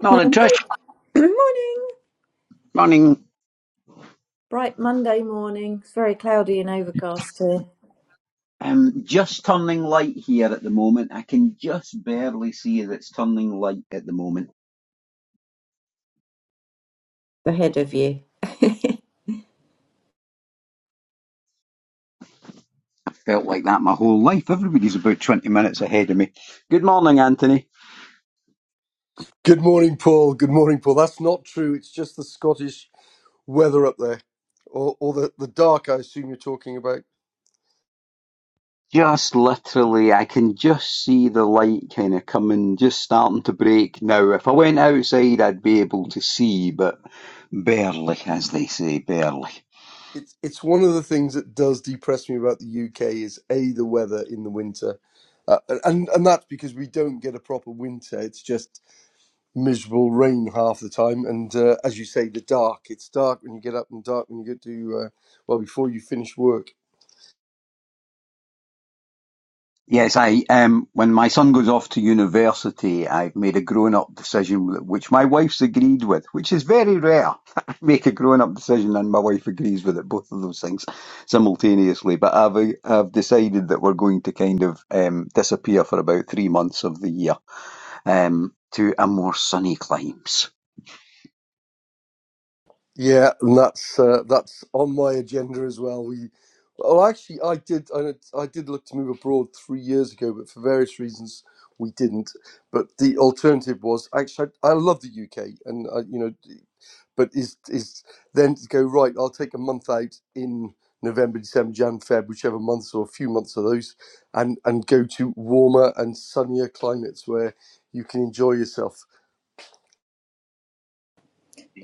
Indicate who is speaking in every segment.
Speaker 1: Morning,
Speaker 2: Morning.
Speaker 1: Trish.
Speaker 2: Good Morning.
Speaker 1: Morning.
Speaker 2: Bright Monday morning. It's very cloudy and overcast here.
Speaker 1: Um, just turning light here at the moment. I can just barely see as it's turning light at the moment.
Speaker 2: Ahead of you.
Speaker 1: Felt like that my whole life. Everybody's about 20 minutes ahead of me. Good morning, Anthony.
Speaker 3: Good morning, Paul. Good morning, Paul. That's not true. It's just the Scottish weather up there, or, or the, the dark. I assume you're talking about.
Speaker 1: Just literally, I can just see the light kind of coming, just starting to break now. If I went outside, I'd be able to see, but barely, as they say, barely.
Speaker 3: It's it's one of the things that does depress me about the UK is a the weather in the winter, uh, and and that's because we don't get a proper winter. It's just miserable rain half the time, and uh, as you say, the dark. It's dark when you get up and dark when you get to uh, well before you finish work.
Speaker 1: Yes, I um when my son goes off to university, I've made a grown-up decision wh- which my wife's agreed with, which is very rare. I make a grown-up decision and my wife agrees with it, both of those things simultaneously. But I've uh, I've decided that we're going to kind of um disappear for about three months of the year um to a more sunny climes.
Speaker 3: Yeah, and that's uh, that's on my agenda as well. We, well, actually, I did I, I did look to move abroad three years ago, but for various reasons we didn't. But the alternative was actually I, I love the UK, and I, you know, but is is then to go right? I'll take a month out in November, December, Jan, Feb, whichever months or a few months of those, and and go to warmer and sunnier climates where you can enjoy yourself.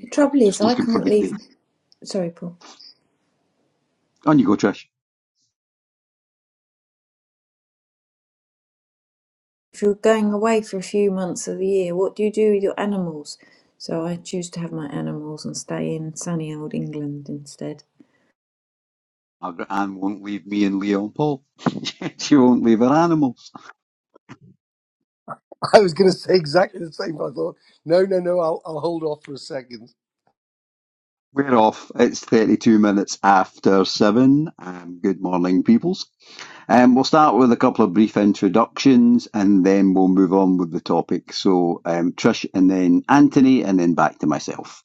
Speaker 2: The trouble is,
Speaker 1: just
Speaker 2: I
Speaker 1: looking for
Speaker 2: can't
Speaker 1: the
Speaker 2: leave.
Speaker 1: day.
Speaker 2: Sorry, Paul.
Speaker 1: On you go, Trish.
Speaker 2: If you're going away for a few months of the year, what do you do with your animals? So I choose to have my animals and stay in sunny old England instead.
Speaker 1: Margaret Ann won't leave me and Leon Paul. she won't leave her animals.
Speaker 3: I was going to say exactly the same, but I thought, no, no, no, I'll, I'll hold off for a second.
Speaker 1: We're off. It's 32 minutes after 7. Um, good morning, peoples. Um, we'll start with a couple of brief introductions and then we'll move on with the topic. So, um, Trish and then Anthony and then back to myself.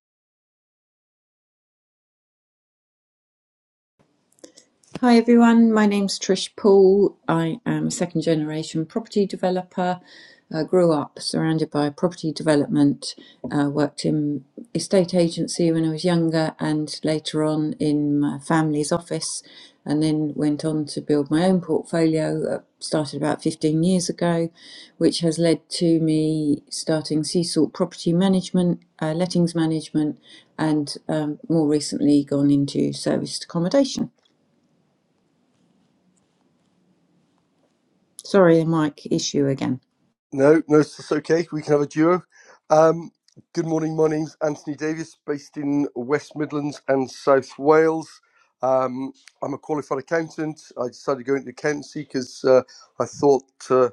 Speaker 2: Hi everyone, my name's Trish Poole. I am a second generation property developer. I grew up surrounded by property development, uh, worked in estate agency when I was younger and later on in my family's office, and then went on to build my own portfolio. uh, Started about 15 years ago, which has led to me starting Salt property management, uh, lettings management, and um, more recently gone into serviced accommodation. Sorry, a mic issue again.
Speaker 3: No, no, it's okay. We can have a duo. Um, good morning. My name's Anthony Davis, based in West Midlands and South Wales. Um, I'm a qualified accountant. I decided to go into accountancy because uh, I thought uh,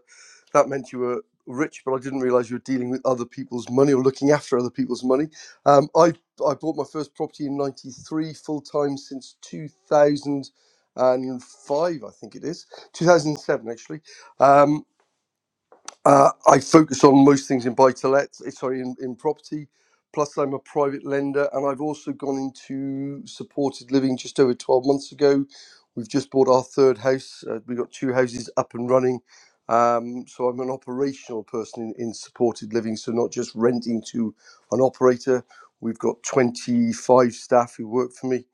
Speaker 3: that meant you were rich, but I didn't realise you were dealing with other people's money or looking after other people's money. Um, I I bought my first property in '93 full time since 2005, I think it is 2007 actually. Um, uh, I focus on most things in buy to let, sorry, in, in property. Plus, I'm a private lender and I've also gone into supported living just over 12 months ago. We've just bought our third house. Uh, we've got two houses up and running. Um, so, I'm an operational person in, in supported living. So, not just renting to an operator. We've got 25 staff who work for me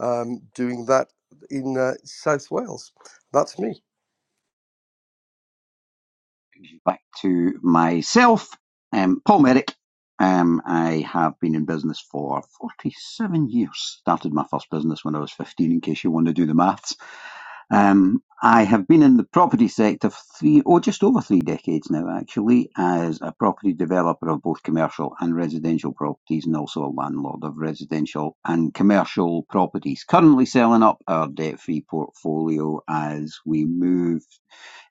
Speaker 3: um, doing that in uh, South Wales. That's me.
Speaker 1: Back to myself. Um, Paul Merrick. Um, I have been in business for 47 years. Started my first business when I was 15, in case you want to do the maths. Um, I have been in the property sector for three, oh, just over three decades now, actually, as a property developer of both commercial and residential properties, and also a landlord of residential and commercial properties. Currently selling up our debt free portfolio as we move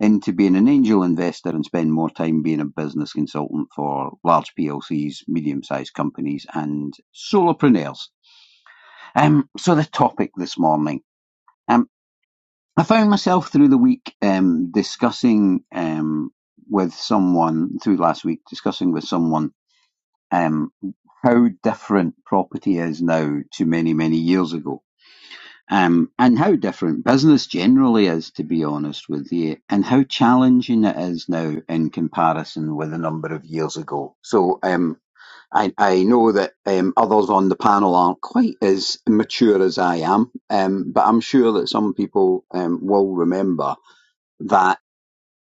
Speaker 1: into being an angel investor and spend more time being a business consultant for large PLCs, medium sized companies, and solopreneurs. Um, so, the topic this morning. Um, I found myself through the week um, discussing um, with someone through last week discussing with someone um, how different property is now to many many years ago, um, and how different business generally is, to be honest with you, and how challenging it is now in comparison with a number of years ago. So um, I, I know that um, others on the panel aren't quite as mature as I am, um, but I'm sure that some people um, will remember that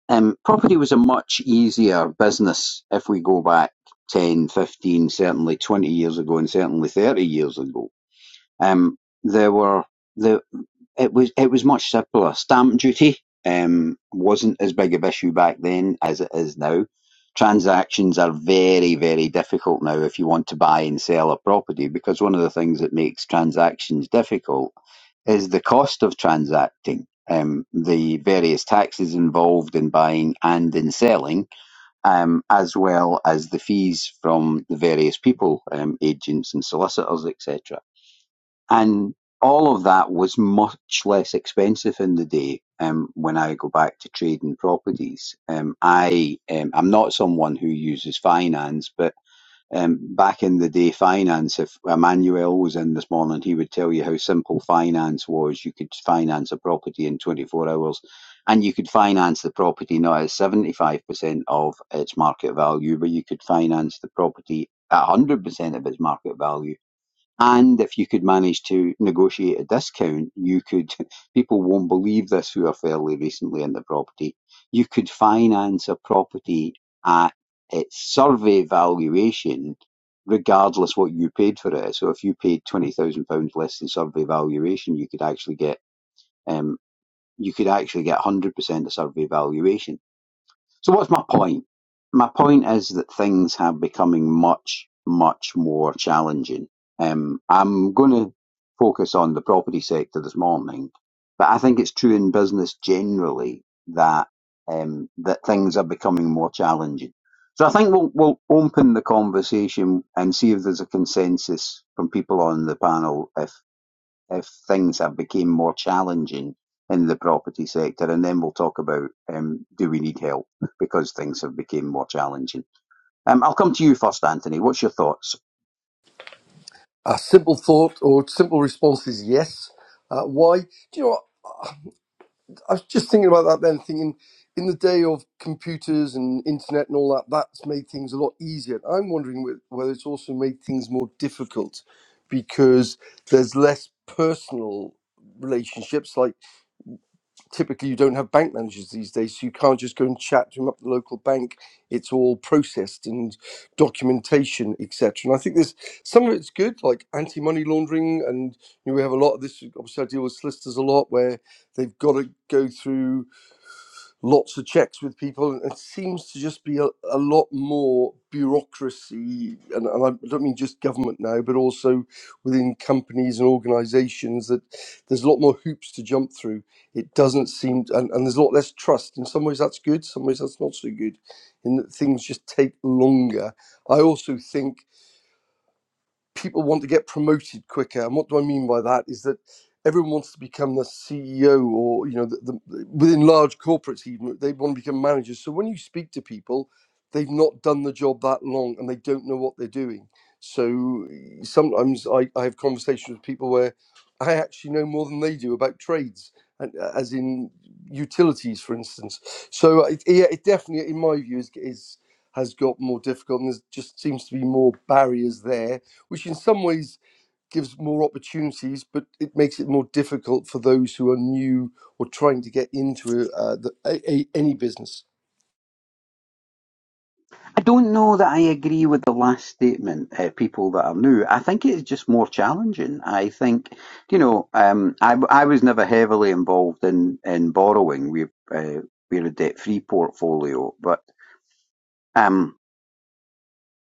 Speaker 1: um, property was a much easier business if we go back 10, 15, certainly 20 years ago, and certainly 30 years ago. Um, there were, there, it was it was much simpler. Stamp duty um, wasn't as big of an issue back then as it is now. Transactions are very very difficult now if you want to buy and sell a property because one of the things that makes transactions difficult is the cost of transacting, um, the various taxes involved in buying and in selling, um, as well as the fees from the various people, um, agents and solicitors, etc. And all of that was much less expensive in the day um, when I go back to trading properties. Um, I um, I'm not someone who uses finance, but um, back in the day, finance. If Emmanuel was in this morning, he would tell you how simple finance was. You could finance a property in 24 hours, and you could finance the property not at 75% of its market value, but you could finance the property at 100% of its market value and if you could manage to negotiate a discount, you could, people won't believe this who are fairly recently in the property, you could finance a property at its survey valuation, regardless what you paid for it. So if you paid £20,000 less than survey valuation, you could actually get, um, you could actually get 100% of survey valuation so what's my point? My point is that things have becoming much, much more challenging. Um, I'm going to focus on the property sector this morning, but I think it's true in business generally that um, that things are becoming more challenging. So I think we'll we'll open the conversation and see if there's a consensus from people on the panel if if things have become more challenging in the property sector, and then we'll talk about um, do we need help because things have become more challenging. Um, I'll come to you first, Anthony. What's your thoughts?
Speaker 3: A simple thought or simple response is yes. Uh, why? Do you know what? I was just thinking about that then, thinking in the day of computers and internet and all that, that's made things a lot easier. I'm wondering wh- whether it's also made things more difficult because there's less personal relationships. Like typically you don't have bank managers these days so you can't just go and chat to them up the local bank it's all processed and documentation etc and i think there's some of it's good like anti-money laundering and you know, we have a lot of this obviously i deal with solicitors a lot where they've got to go through lots of checks with people. and It seems to just be a, a lot more bureaucracy, and, and I don't mean just government now, but also within companies and organisations that there's a lot more hoops to jump through. It doesn't seem, and, and there's a lot less trust. In some ways, that's good. Some ways, that's not so good. In that things just take longer. I also think people want to get promoted quicker. And what do I mean by that is that everyone wants to become the CEO or, you know, the, the, within large corporates, even they want to become managers. So when you speak to people, they've not done the job that long and they don't know what they're doing. So eh, sometimes I, I have conversations with people where I actually know more than they do about trades. And, uh, as in utilities, for instance. So uh, it, yeah, it definitely, in my view, is, is has got more difficult, and there just seems to be more barriers there which in some ways gives more opportunities, but it makes it more difficult for those who are new or trying to get into uh, the, a, a, any business.
Speaker 1: I don't know that I agree with the last statement. Uh, people that are new, I think it's just more challenging. I think you know, um, I I was never heavily involved in in borrowing. We uh, we're a debt free portfolio, but um,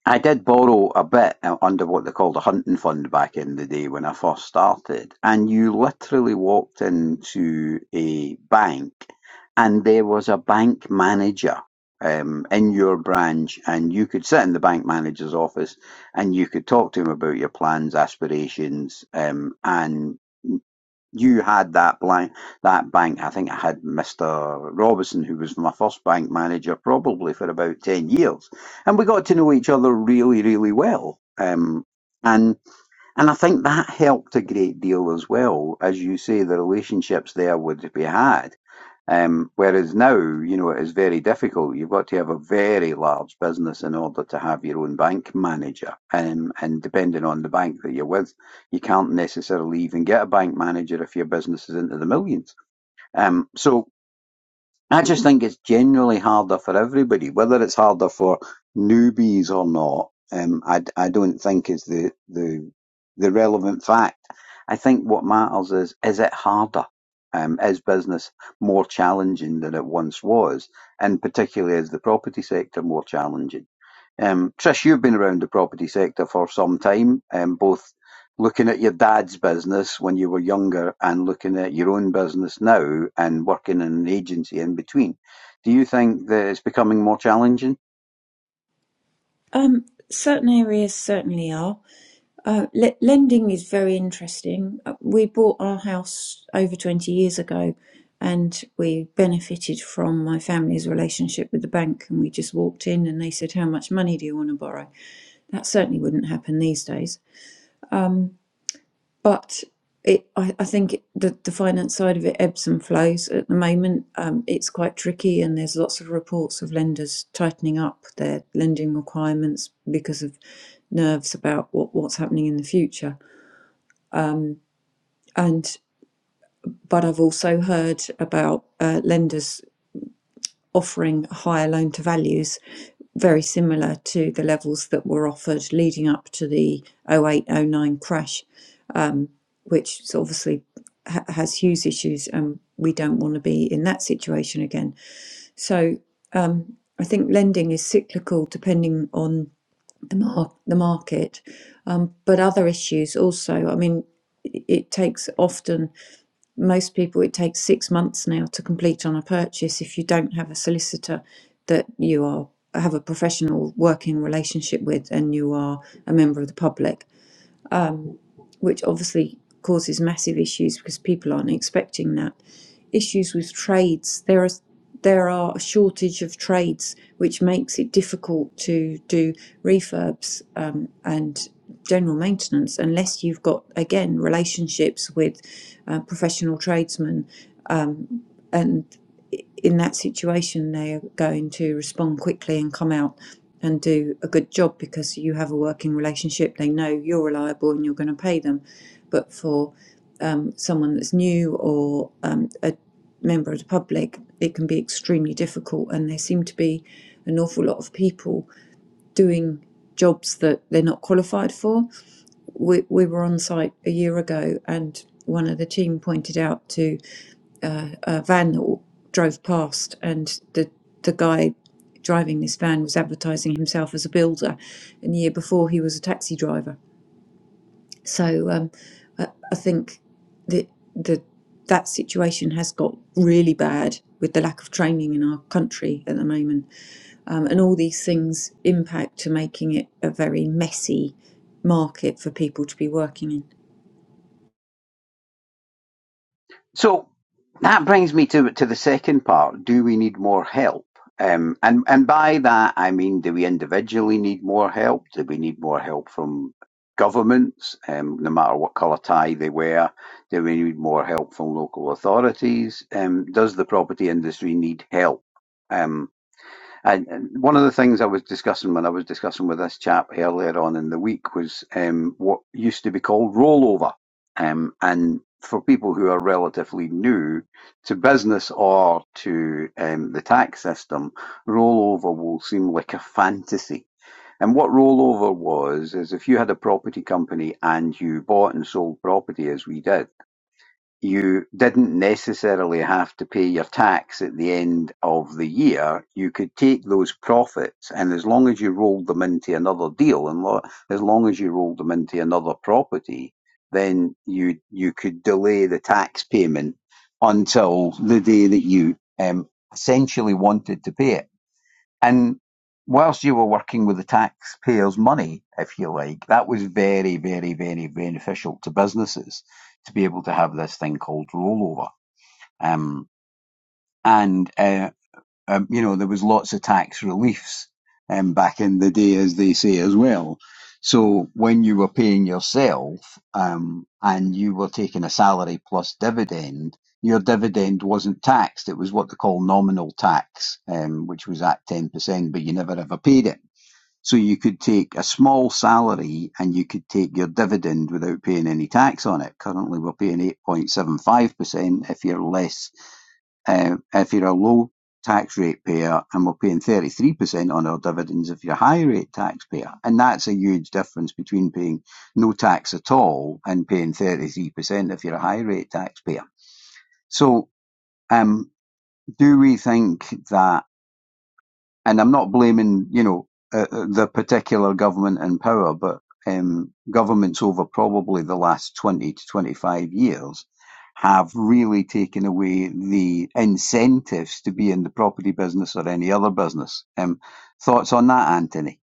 Speaker 1: I did borrow a bit uh, under what they called a hunting fund back in the day when I first started, and you literally walked into a bank and there was a bank manager um, in your branch, and you could sit in the bank manager's office and you could talk to him about your plans, aspirations, um, and you had that blank that bank. I think I had Mr. Robinson, who was my first bank manager, probably for about ten years, and we got to know each other really, really well. Um, and and I think that helped a great deal as well. As you say, the relationships there would be had. Um, whereas now, you know, it is very difficult. You've got to have a very large business in order to have your own bank manager. Um, and depending on the bank that you're with, you can't necessarily even get a bank manager if your business is into the millions. Um, so I just think it's generally harder for everybody, whether it's harder for newbies or not. Um, I, I don't think is the, the the relevant fact. I think what matters is is it harder? Um, is business more challenging than it once was, and particularly is the property sector more challenging? Um, Trish, you've been around the property sector for some time, um, both looking at your dad's business when you were younger and looking at your own business now and working in an agency in between. Do you think that it's becoming more challenging?
Speaker 2: Um, certain areas certainly are. Uh, le- lending is very interesting. Uh, We bought our house over 20 years ago and we benefited from my family's relationship with the bank and we just walked in and they said, how much money do you want to borrow? That certainly wouldn't happen these days. but it, I, I think the, the finance side of it ebbs and flows at the moment. Um, it's quite tricky, and there's lots of reports of lenders tightening up their lending requirements because of nerves about what, what's happening in the future. And but I've also heard about uh, lenders offering higher loan to values very similar to the levels that were offered leading up to the oh 08 oh 09 crash, um, which is obviously ha- has huge issues, and we don't want to be in that situation again. So um, I think lending is cyclical depending on the, mar- the market, um, but other issues also. I mean, it takes often most people it takes six months now to complete on a purchase if you don't have a solicitor that you are have a professional working relationship with and you are a member of the public which obviously causes massive issues because people aren't expecting that. Issues with trades. There are there are a shortage of trades, which makes it difficult to do refurbs um, and general maintenance unless you've got again relationships with uh, professional tradesmen um, and in that situation, they are going to respond quickly and come out and do a good job because you have a working relationship. They know you're reliable and you're going to pay them. But for um, someone that's new or um, a member of the public, it can be extremely difficult. And there seem to be an awful lot of people doing jobs that they're not qualified for. We, we were on site a year ago and one of the team pointed out to a van that drove past, and the the guy driving this van was advertising himself as a builder, and the year before he was a taxi driver. So um, I, I think that the that situation has got really bad with the lack of training in our country at the moment, um, and all these things impact to making it a very messy market for people to be working in.
Speaker 1: So that brings me to to the second part. Do we need more help? Um, and and by that I mean, do we individually need more help? Do we need more help from governments, um, no matter what colour tie they wear? Do we need more help from local authorities? Um, does the property industry need help? Um, and, and one of the things I was discussing when I was discussing with this chap earlier on in the week was um, what used to be called rollover. Um, and for people who are relatively new to business or to um, the tax system, rollover will seem like a fantasy. And what rollover was is if you had a property company and you bought and sold property as we did you didn't necessarily have to pay your tax at the end of the year. You could take those profits, and as long as you rolled them into another deal, and lo- as long as you rolled them into another property, then you you could delay the tax payment until the day that you um, essentially wanted to pay it. And whilst you were working with the taxpayers' money, if you like, that was very, very, very beneficial to businesses to be able to have this thing called rollover. Um, and uh, um, you know, there was lots of tax reliefs um, back in the day, as they say as well. So when you were paying yourself um, and you were taking a salary plus dividend, your dividend wasn't taxed. It was what they call nominal tax, um, which was at 10%, but you never ever paid it. So you could take a small salary and you could take your dividend without paying any tax on it. Currently, we're paying 8.75% if you're less, uh, if you're a low tax rate payer, and we're paying 33% on our dividends if you're a high rate taxpayer. And that's a huge difference between paying no tax at all and paying 33% if you're a high rate taxpayer. So, um, do we think that? and I'm not blaming you know uh, uh, the particular government in power, but um, governments over probably the last twenty to twenty five years have really taken away the incentives to be in the property business or any other business. Um, thoughts on that, Anthony?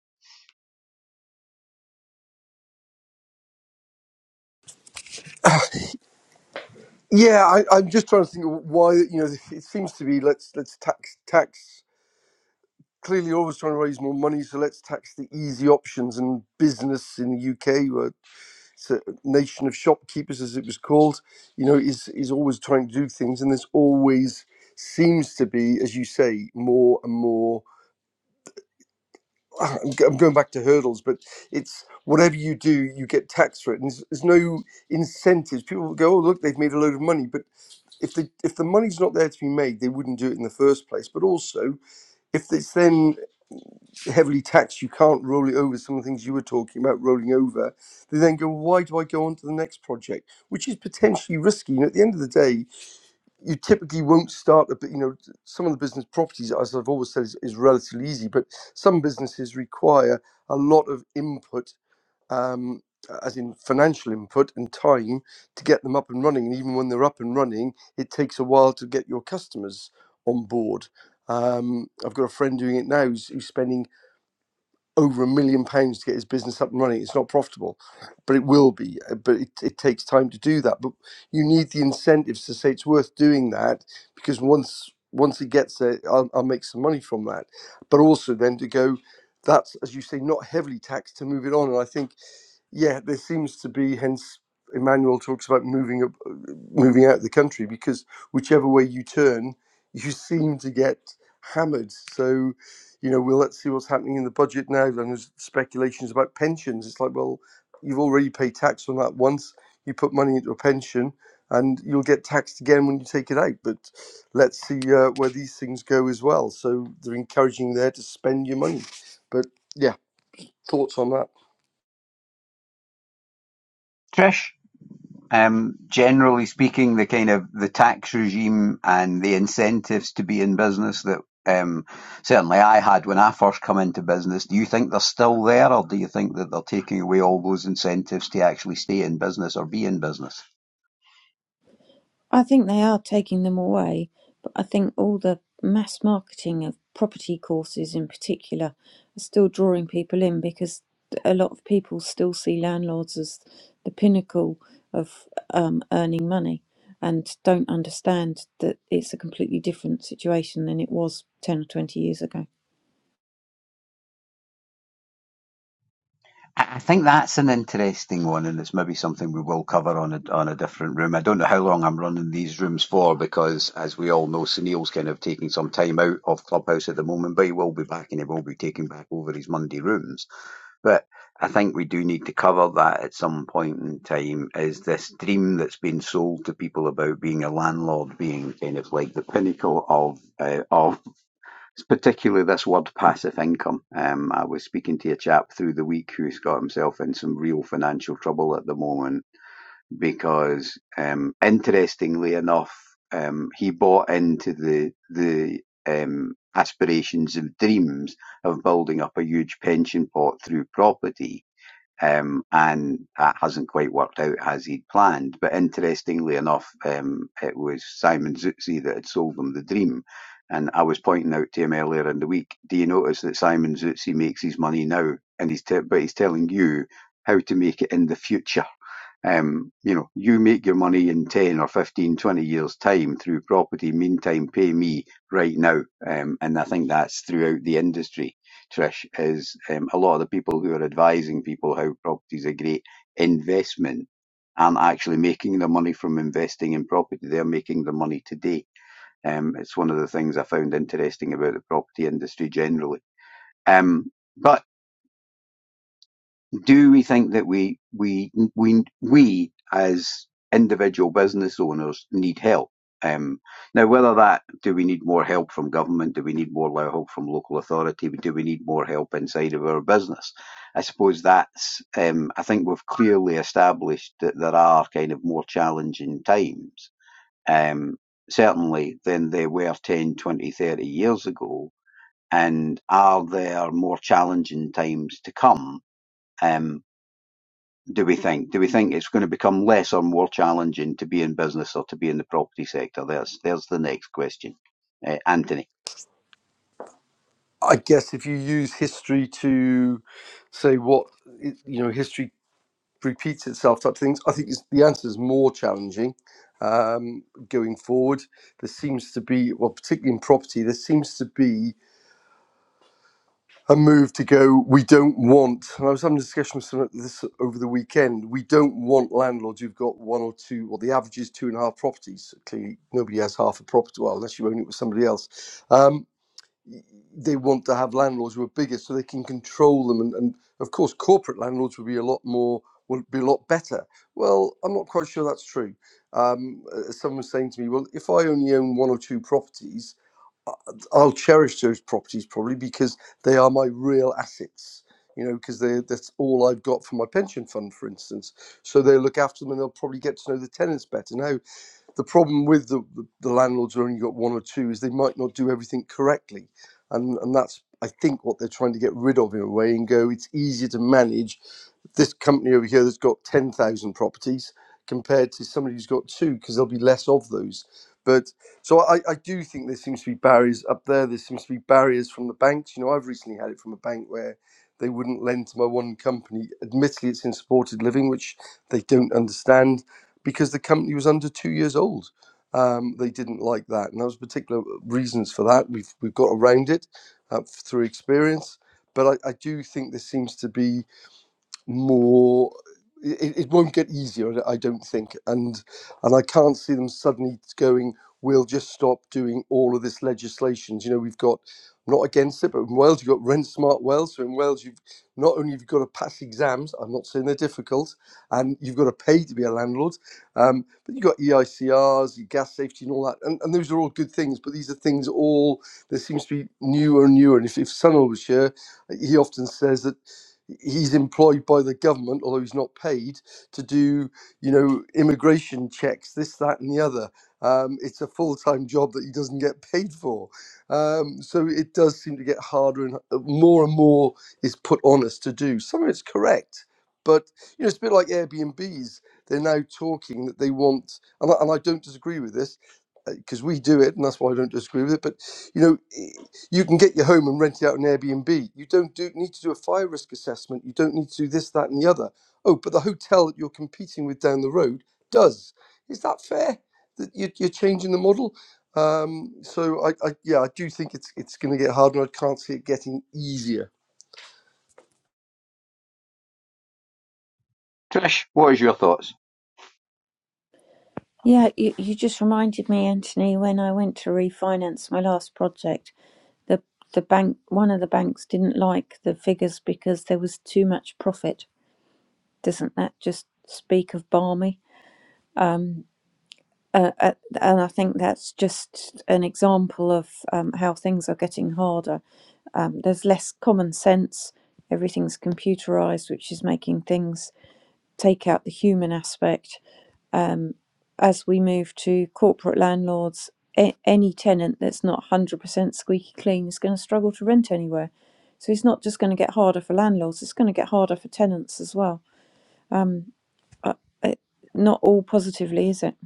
Speaker 3: Yeah, I, I'm just trying to think of why you know it seems to be let's let's tax tax. Clearly, you're always trying to raise more money, so let's tax the easy options. And business in the UK, where it's a nation of shopkeepers, as it was called, you know, is is always trying to do things, and there's always seems to be, as you say, more and more ah, I'm go- I'm going back to hurdles, but it's whatever you do, you get taxed for it, and there's, there's no incentives. People will go, "Oh, look, they've made a load of money," but if the if the money's not there to be made, they wouldn't do it in the first place. But also, if it's then heavily taxed, you can't roll it over. Some of the things you were talking about rolling over, they then go, "Why do I go on to the next project?" Which is potentially risky. You know, at the end of the day, you typically won't start a you know some of the business properties as i've always said is, is relatively easy but some businesses require a lot of input um, as in financial input and time to get them up and running and even when they're up and running it takes a while to get your customers on board um, i've got a friend doing it now who's, who's spending over a million pounds to get his business up and running. It's not profitable, but it will be. uh, But it, it takes time to do that. But you need the incentives to say it's worth doing that because once once it gets there, I'll, I'll make some money from that. But also then to go, that's as you say, not heavily taxed to move it on. And I think yeah, there seems to be. Hence, Emmanuel talks about moving up, moving out of the country because whichever way you turn, you seem to get hammered. So you know, well, let's see what's happening in the budget now. Then there's speculations about pensions. It's like, well, you've already paid tax on that once. You put money into a pension, and you'll get taxed again when you take it out. But let's see uh, where these things go as well. So they're encouraging there to spend your money. But yeah, thoughts on that?
Speaker 1: Trish. Um, generally speaking, the kind of the tax regime and the incentives to be in business that um, certainly I had when I first come into business, do you think they're still there, or do you think that they're taking away all those incentives to actually stay in business or be in business?
Speaker 2: I think they are taking them away, but I think all the mass marketing of property courses in particular are still drawing people in because a lot of people still see landlords as the pinnacle of um, earning money and don't understand that it's a completely different situation than it was 10 or 20 years ago.
Speaker 1: I I think that's an interesting one, and it's maybe something we will cover on a on a different room. I don't know how long I'm running these rooms for because, as we all know, Sunil's kind of taking some time out of Clubhouse at the moment, but he will be back and he will be taking back over his Monday rooms. But I think we do need to cover that at some point in time. Is this dream that's been sold to people about being a landlord being kind of like the pinnacle of uh, of it's particularly this word passive income. Um, I was speaking to a chap through the week who's got himself in some real financial trouble at the moment because, um, interestingly enough, um, he bought into the the um, aspirations and dreams of building up a huge pension pot through property um, and that hasn't quite worked out as he'd planned. But interestingly enough, um, it was Simon Zutzi that had sold him the dream. And I was pointing out to him earlier in the week, do you notice that Simon Zutzi makes his money now, and he's te- but he's telling you how to make it in the future. Um, you know, you make your money in 10 or 15, 20 years' time through property. Meantime, pay me right now. Um, and I think that's throughout the industry Trish, is um, a lot of the people who are advising people how property is a great investment aren't actually making the money from investing in property. They're making the money today. Um, it's one of the things I found interesting about the property industry generally. Um, but do we think that we we we we as individual business owners need help? Um, now, whether that do we need more help from government? Do we need more help from local authority? Do we need more help inside of our business? I suppose that's. Um, I think we've clearly established that there are kind of more challenging times, um, certainly than there were 10, 20, 30 years ago. And are there more challenging times to come? Um, do we think? Do we think it's going to become less or more challenging to be in business or to be in the property sector? There's there's the next question, uh, Anthony.
Speaker 3: I guess if you use history to say what you know, history repeats itself type things. I think it's, the answer is more challenging um, going forward. There seems to be, well, particularly in property, there seems to be a move to go, we don't want, and I was having a discussion with someone this over the weekend, we don't want landlords who've got one or two, well, the average is two and a half properties. so Clearly, nobody has half a property, well, unless you own it with somebody else. Um, they want to have landlords who are bigger so they can control them. And, and of course, corporate landlords would be a lot more, would be a lot better. Well, I'm not quite sure that's true. Um, uh, someone was saying to me, well, if I only own one or two properties, I- I'll cherish those properties probably because they are my real assets. You know, because they that's all I've got for my pension fund, for instance. So they look after them and they'll probably get to know the tenants better. Now, the problem with the, the, the landlords who only got one or two is they might not do everything correctly and and that's i think what they're trying to get rid of in a way and go it's easier to manage this company over here that's got 10,000 properties compared to somebody who's got two because there'll be less of those. But so I, I do think there seems to be barriers up there. There seems to be barriers from the banks. You know, I've recently had it from a bank where they wouldn't lend to my one company. Admittedly, it's in supported living, which they don't understand because the company was under two years old. Um, they didn't like that, and there was particular reasons for that. We've we've got around it uh, through experience, but I, I do think there seems to be more it, it won't get easier i don't think and and i can't see them suddenly going we'll just stop doing all of this legislation you know we've got not against it but in wales you've got rent smart wales so in wales you've not only you've got to pass exams i'm not saying they're difficult and you've got to pay to be a landlord um, but you've got eicrs your gas safety and all that and, and those are all good things but these are things all there seems to be newer and newer and if, if sunil was here he often says that he's employed by the government, although he's not paid, to do, you know, immigration checks, this, that, and the other. Um, it's a full time job that he doesn't get paid for. Um, so it does seem to get harder and h- more and more is put on us to do. Some of it's correct, but, you know, it's a bit like Airbnbs. They're now talking that they want, and I, and I don't disagree with this because we do it and that's why I don't disagree with it. But, you know, you can get your home and rent it out on Airbnb. You don't do, need to do a fire risk assessment. You don't need to do this, that, and the other. Oh, but the hotel that you're competing with down the road does. Is that fair? That you, you're changing the model. Um, so I, I, yeah, I do think it's it's going to get harder. and I can't see it getting easier.
Speaker 1: Trish, what is your thoughts?
Speaker 2: Yeah, you, you just reminded me, Anthony, when I went to refinance my last project, the the bank one of the banks didn't like the figures because there was too much profit doesn't that just speak of balmy uh, uh, and i think that's just an example of um, how things are getting harder um, there's less common sense everything's computerized which is making things take out the human aspect um, as we move to corporate landlords, a- any tenant that's not 100% squeaky clean is going to struggle to rent anywhere. So it's not just going to get harder for landlords, it's going to get harder for tenants as well. Uh, it, not all positively, is it?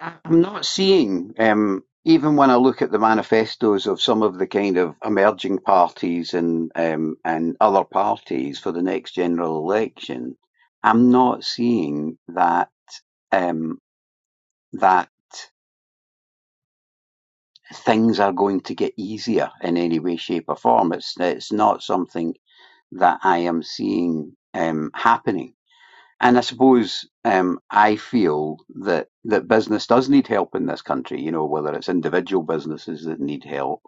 Speaker 1: I'm not seeing, um, even when I look at the manifestos of some of the kind of emerging parties and um, and other parties for the next general election, I'm not seeing that um, that things are going to get easier in any way, shape, or form. It's it's not something that I am seeing um, happening. And I suppose um, I feel that that business does need help in this country. You know, whether it's individual businesses that need help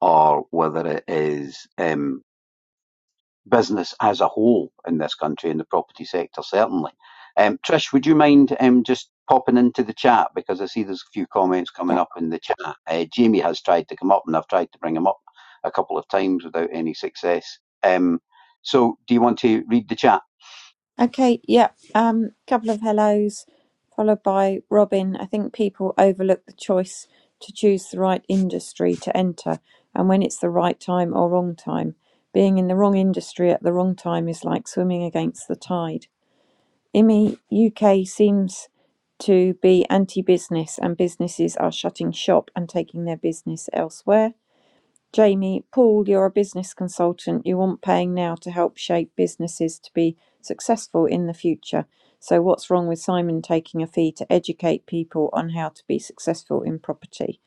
Speaker 1: or whether it is um, business as a whole in this country, in the property sector, certainly. Um, Trish, would you mind um, just popping into the chat because I see there's a few comments coming up in the chat. Uh, Jamie has tried to come up, and I've tried to bring him up a couple of times without any success. Um, so, do you want to read the chat?
Speaker 2: Okay, yeah. Um, couple of hellos, followed by Robin. I think people overlook the choice to choose the right industry to enter, and when it's the right time or wrong time. Being in the wrong industry at the wrong time is like swimming against the tide. IMI UK seems to be anti-business and businesses are shutting shop and taking their business elsewhere. Jamie, Paul, you're a business consultant. You want paying now to help shape businesses to be successful in the future. So what's wrong with Simon taking a fee to educate people on how to be successful in property?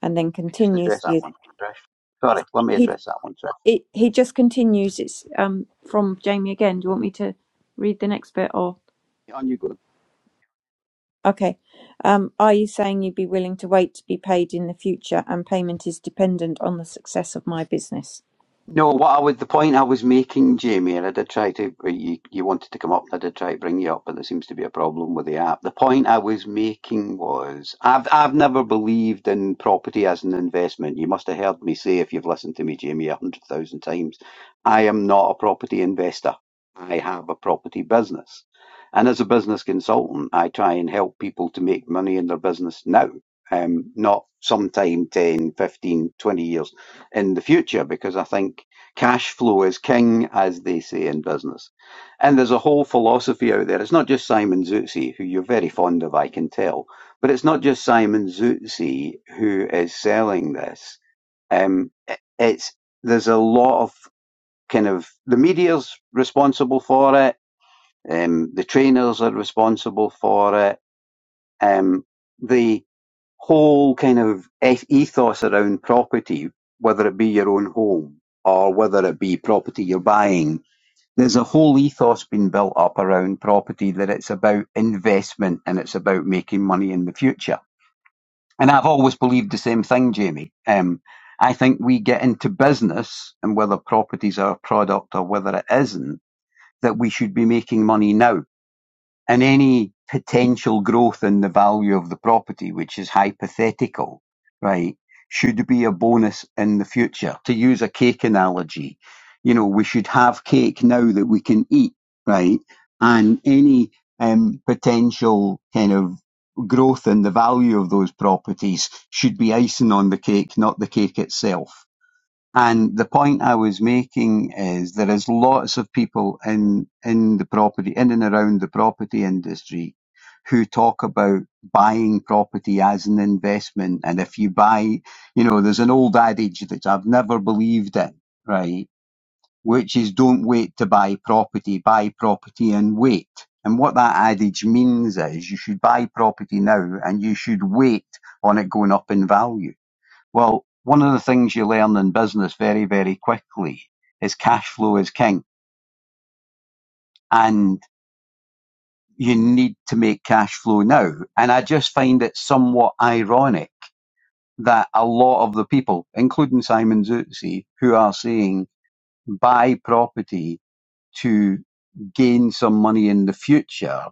Speaker 2: And then
Speaker 1: Let me just
Speaker 2: continues
Speaker 1: address that
Speaker 2: the
Speaker 1: one, Trish. Sorry, let me
Speaker 2: he
Speaker 1: address that one, Trish.
Speaker 2: it, he just continues it's um from Jamie again. Do you want me to read the next bit or
Speaker 1: On you go.
Speaker 2: Okay. Um, Are you saying you'd be willing to wait to be paid in the future and payment is dependent on the success of my business?
Speaker 1: No, what I was the point I was making, Jamie, and I did try to uh, you you wanted to come up, and I did try to bring you up, but there seems to be a problem with the app. The point I was making was I've I've never believed in property as an investment. You must have heard me say if you've listened to me, Jamie, a hundred thousand times. I am not a property investor. I have a property business. And as a business consultant, I try and help people to make money in their business now. Um, not sometime 10, 15, twenty years in the future because I think cash flow is king, as they say in business. And there's a whole philosophy out there. It's not just Simon Zutzi, who you're very fond of, I can tell, but it's not just Simon Zutzi who is selling this. Um, it's there's a lot of kind of the media's responsible for it. Um, the trainers are responsible for it. Um, the whole kind of e-, ethos around property, whether it be your own home or whether it be property you're buying, there's a whole ethos being built up around property that it's about investment and it's about making money in the future. And I've always believed the same thing, Jamie. Um, I think we get into business and whether properties are a product or whether it isn't, that we should be making money now and any potential growth in the value of the property, which is hypothetical, right, should be a bonus in the future. To use a cake analogy, you know, we should have cake now that we can eat, right? And any um, potential kind of growth in the value of those properties should be icing on the cake, not the cake itself. And the point I was making is there is lots of people in in the property, in and around the property industry, who talk about buying property as an investment. And if you buy, you know, there's an old adage that I've never believed in, right? Which is don't wait to buy property, buy property and wait. And what that adage means is you should buy property now and you should wait on it going up in value well, one of the things you learn in business very, very quickly is cash flow is king and you need to make cash flow now. And I just find it somewhat ironic that a lot of the people, including Simon Zutzi, who are saying buy property to gain some money in the future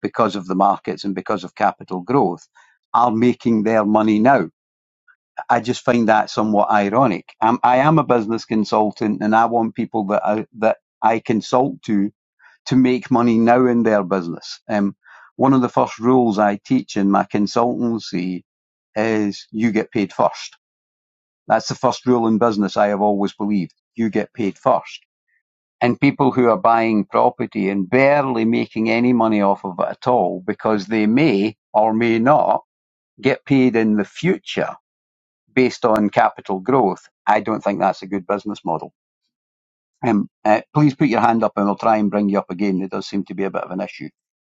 Speaker 1: because of the markets and because of capital growth are making their money now. I just find that somewhat ironic. I'm, I am a business consultant, and I want people that I, that I consult to to make money now in their business. Um, one of the first rules I teach in my consultancy is you get paid first. That's the first rule in business I have always believed. You get paid first. And people who are buying property and barely making any money off of it at all because they may or may not get paid in the future based on capital growth, I don't think that's a good business model. Um, uh, please put your hand up and we'll try and bring you up again. There does seem to be a bit of an issue.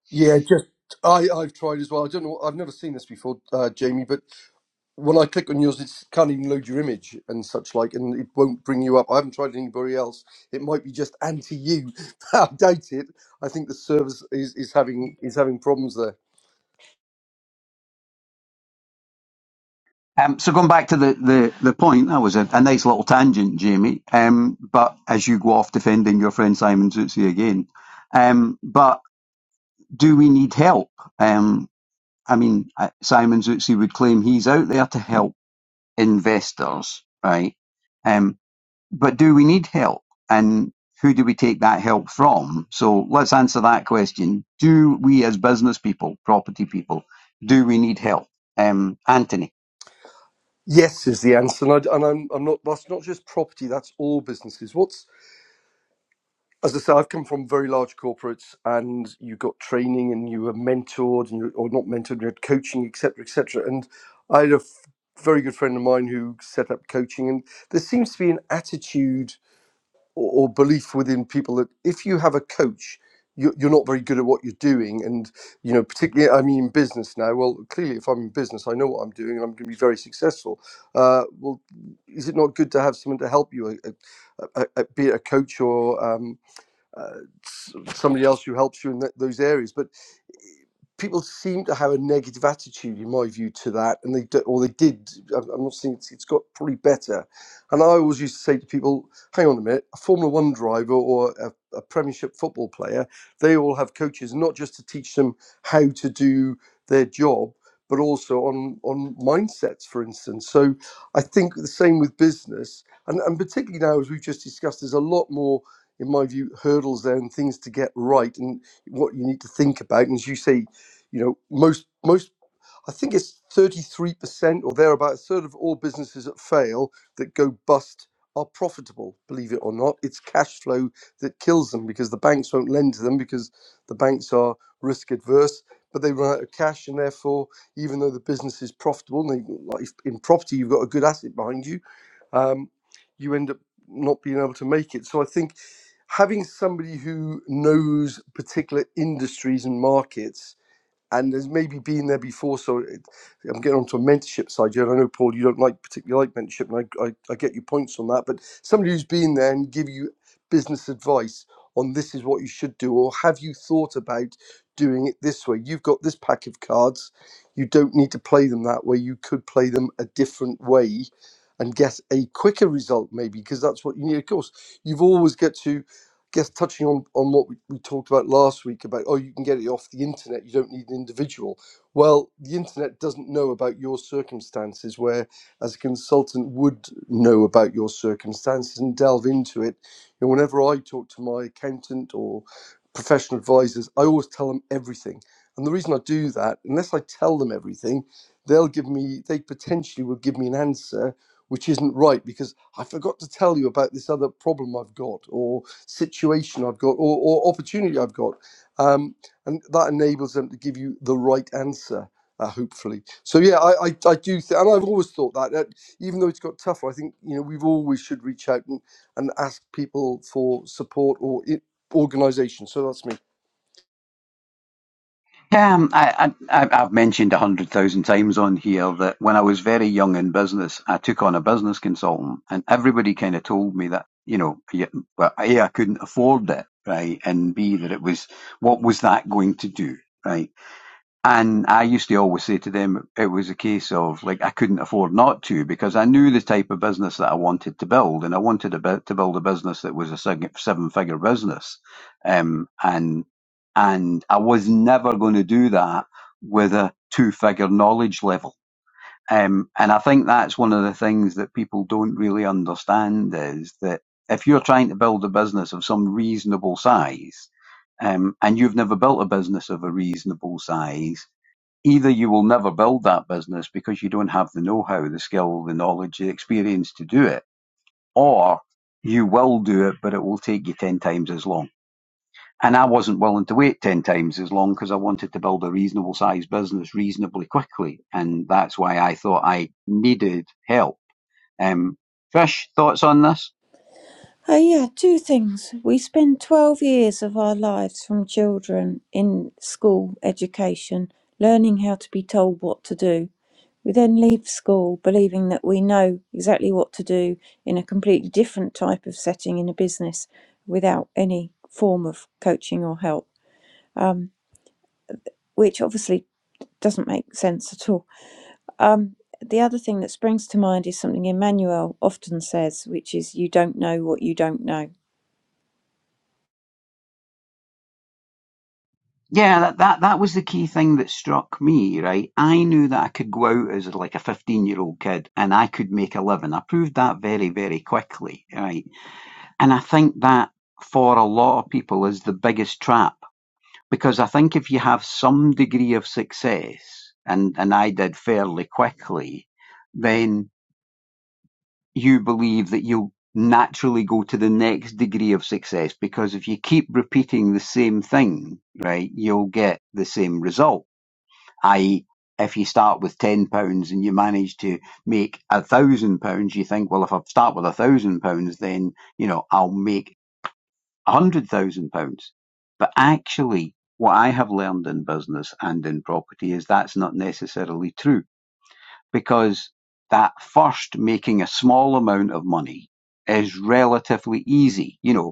Speaker 3: Yeah, just I I've tried as well. I don't know. I've never seen this before, uh, Jamie, but when I click on yours, it can't even load your image and such like, and it won't bring you up. I haven't tried anybody else. It might be just anti you. I doubt it. I think the service is, is having is having problems there.
Speaker 1: Um, so going back to the, the, the point, that was a, a nice little tangent, Jamie. Um, but as you go off defending your friend Simon Zutzi again, um, but do we need help? Um, I mean, uh, Simon Zutzi would claim he's out there to help investors, right? Um, but do we need help and who do we take that help from? So let's answer that question. Do we as business people, property people, do we need help? Um, Anthony.
Speaker 3: Yes, is the answer, and, I, and I'm I'm not. That's not just property. That's all businesses. What's as I say, I've come from very large corporates, and you got training, and you were mentored, and you, or not mentored, you had coaching, etc., etc. And I had a f- very good friend of mine who set up coaching, and there seems to be an attitude or, or belief within people that if you have a coach, you- you're not very good at what you're doing. And, you know, particularly, I mean, in business now, well, clearly, if I'm in business, I know what I'm doing and I'm going to be very successful. Uh, well, is it not good to have someone to help you, a, a, a, a- be it a coach or um, uh, s- somebody else who helps you in th- those areas? But people seem to have a negative attitude, in my view, to that, and they do, or they did. I'm I'm not saying it's, it's got probably better. And I always used to say to people, "Hang on a minute, a Formula One driver or a, a Premiership football player, they all have coaches, not just to teach them how to do their job." But also on on mindsets, for instance. So I think the same with business, and, and particularly now as we've just discussed, there's a lot more, in my view, hurdles there and things to get right. and what you need to think about. And as you say, you know, most most I think it's 33% or thereabout, a third of all businesses that fail, that go bust, are profitable, believe it or not. It's cash flow that kills them because the banks won't lend to them because the banks are risk adverse, but they run out of cash. And therefore, even though the business is profitable, and they, like if in property, you've got a good asset behind you, um, you end up not being able to make it. So I think having somebody who knows particular industries and markets and there's maybe been there before. So it, I'm getting onto a mentorship side here. and I know, Paul, you don't like particularly like mentorship, and I, I, I get your points on that. But somebody who's been there and give you business advice on this is what you should do, or have you thought about doing it this way? You've got this pack of cards. You don't need to play them that way. You could play them a different way and get a quicker result, maybe, because that's what you need. Of course, you've always got to. Guess touching on on what we we talked about last week about oh you can get it off the internet you don't need an individual well the internet doesn't know about your circumstances where as a consultant would know about your circumstances and delve into it you know, whenever i talk to my accountant or professional advisors i always tell them everything and the reason i do that unless i tell them everything they'll give me they potentially will give me an answer which isn't right because i forgot to tell you about this other problem i've got or situation I've got or, or opportunity I've got. Um, and that enables them to give you the right answer, uh, hopefully. So, yeah, I, I, I do think, and I've always thought that, that, even though it's got tougher, I think, you know, we've always should reach out and, and ask people for support or it, organization. So that's me.
Speaker 1: Yeah, Um, I, I, I- I've mentioned a hundred thousand times on here that when I was very young in business, I took on a business consultant and everybody kind of told me that, you know, yeah, well, A, I couldn't afford it, right? And B, that it was, what was that going to do, right? And I used to always say to them, it was a case of like I couldn't afford not to because I knew the type of business that I wanted to build, and I wanted to, to build a business that was a seven figure business, um, and and I was never going to do that with a two figure knowledge level. Um, and I think that's one of the things that people don't really understand is that if you're trying to build a business of some reasonable size, um, and you've never built a business of a reasonable size either you will never build that business because you don't have the know-how, the skill, the knowledge, the experience to do it, or you will do it, but it will take you 10 times as long. And I wasn't willing to wait 10 times as long because I wanted to build a reasonable sized business reasonably quickly. And that's why I thought I needed help. Um, Trish, thoughts on this?
Speaker 2: Oh, yeah, two things. We spend 12 years of our lives from children in school education, learning how to be told what to do. We then leave school believing that we know exactly what to do in a completely different type of setting in a business without any form of coaching or help, which obviously doesn't make sense at all. Um, the other thing that springs to mind is something Emmanuel often says, which is, you don't know what you don't know.
Speaker 1: Yeah, that, that that was the key thing that struck me, right? I knew that I could go out as like a 15 year old kid and I could make a living. I proved that very, very quickly, right? And I think that for a lot of people is the biggest trap because I think if you have some degree of success, and, and I did fairly quickly, then you believe that you'll naturally go to the next degree of success because if you keep repeating the same thing, right, you'll get the same result i.e., if you start with ten pounds and you manage to make a thousand pounds, you think, well, if I start with a thousand pounds, then you know I'll make a hundred thousand pounds. But actually, what I have learned in business and in property is that's not necessarily true because that first making a small amount of money is relatively easy. You know,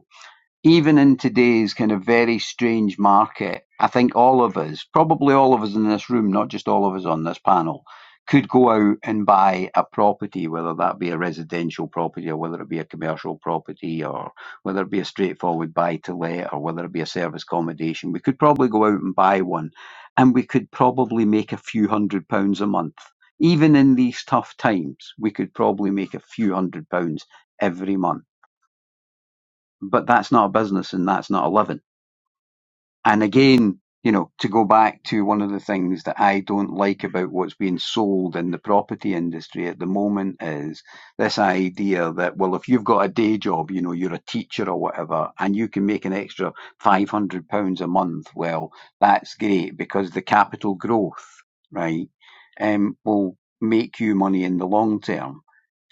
Speaker 1: even in today's kind of very strange market, I think all of us, probably all of us in this room, not just all of us on this panel, could go out and buy a property, whether that be a residential property or whether it be a commercial property or whether it be a straightforward buy to let or whether it be a service accommodation. We could probably go out and buy one and we could probably make a few hundred pounds a month. Even in these tough times, we could probably make a few hundred pounds every month. But that's not a business and that's not a living and again, you know, to go back to one of the things that I don't like about what's being sold in the property industry at the moment is this idea that, well, if you've got a day job, you know, you're a teacher or whatever, and you can make an extra £500 a month, well, that's great because the capital growth, right, um, will make you money in the long term.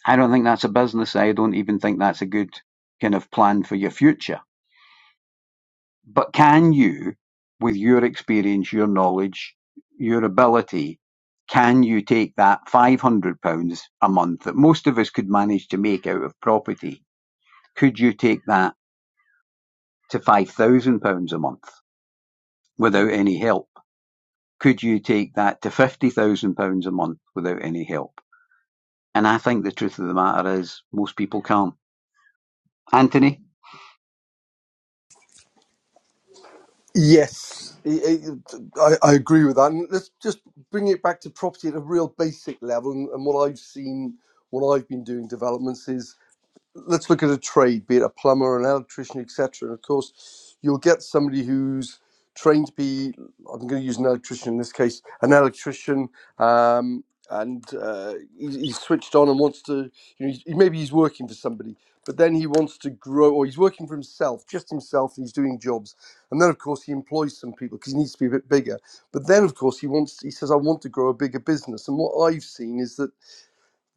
Speaker 1: I don't think that's a business. I don't even think that's a good kind of plan for your future but can you, with your experience, your knowledge, your ability, can you take that £500 a month that most of us could manage to make out of property? Could you take that to £5,000 a month without any help? Could you take that to £50,000 a month without any help? And I think the truth of the matter is most people can't. Anthony?
Speaker 3: Yes, I, I I agree with that. And let's just bring it back to property at a real basic level. And, and what I've seen, what I've been doing developments is let's look at a trade, be it a plumber, an electrician, etc. And of course, you'll get somebody who's trained to be. I'm going to use an electrician in this case, an electrician, um, and uh, he's, he's switched on and wants to. You know, he, maybe he's working for somebody, but then he wants to grow, or he's working for himself, just himself, and he's doing jobs. And then, of course, he employs some people because he needs to be a bit bigger. But then, of course, he wants. He says, "I want to grow a bigger business." And what I've seen is that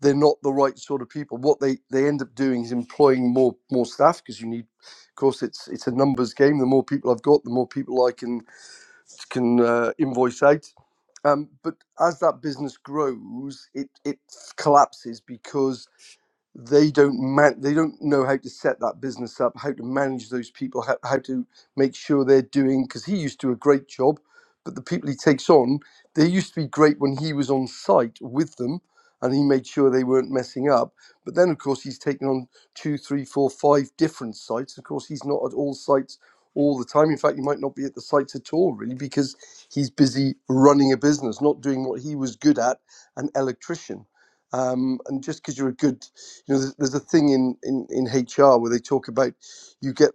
Speaker 3: they're not the right sort of people. What they, they end up doing is employing more more staff because you need, of course, it's it's a numbers game. The more people I've got, the more people I can can uh, invoice out. Um, but as that business grows, it, it collapses because they don't man- they don't know how to set that business up, how to manage those people, how, how to make sure they're doing. Because he used to do a great job, but the people he takes on, they used to be great when he was on site with them, and he made sure they weren't messing up. But then, of course, he's taken on two, three, four, five different sites. Of course, he's not at all sites all the time. In fact, he might not be at the sites at all, really, because He's busy running a business, not doing what he was good at, an electrician. Um, and just because you're a good, you know, there's, there's a thing in, in, in HR where they talk about you get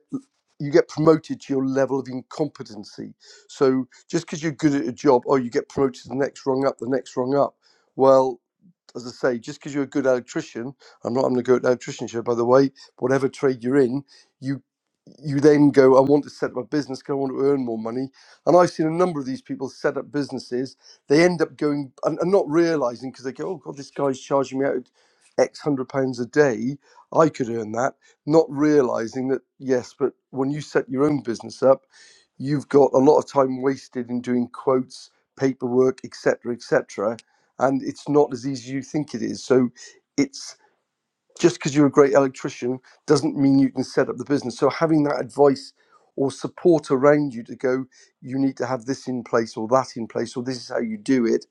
Speaker 3: you get promoted to your level of incompetency. So just because you're good at a job, oh, you get promoted to the next rung up, the next rung up. Well, as I say, just because you're a good electrician, I'm not I'm going to go at electricianship, by the way, whatever trade you're in, you you then go, I want to set up a business 'cause I want to earn more money. And I've seen a number of these people set up businesses. They end up going and, and not realizing because they go, oh, God, this guy's charging me out X hundred pounds a day. I could earn that. Not realizing that, yes, but when you set your own business up, you've got a lot of time wasted in doing quotes, paperwork, etc., etc and it's not as easy as you think it is. So it's just because you're a great electrician doesn't mean you can set up the business. So having that advice or support around you to go, you need to have this in place or that in place or this is how you do it,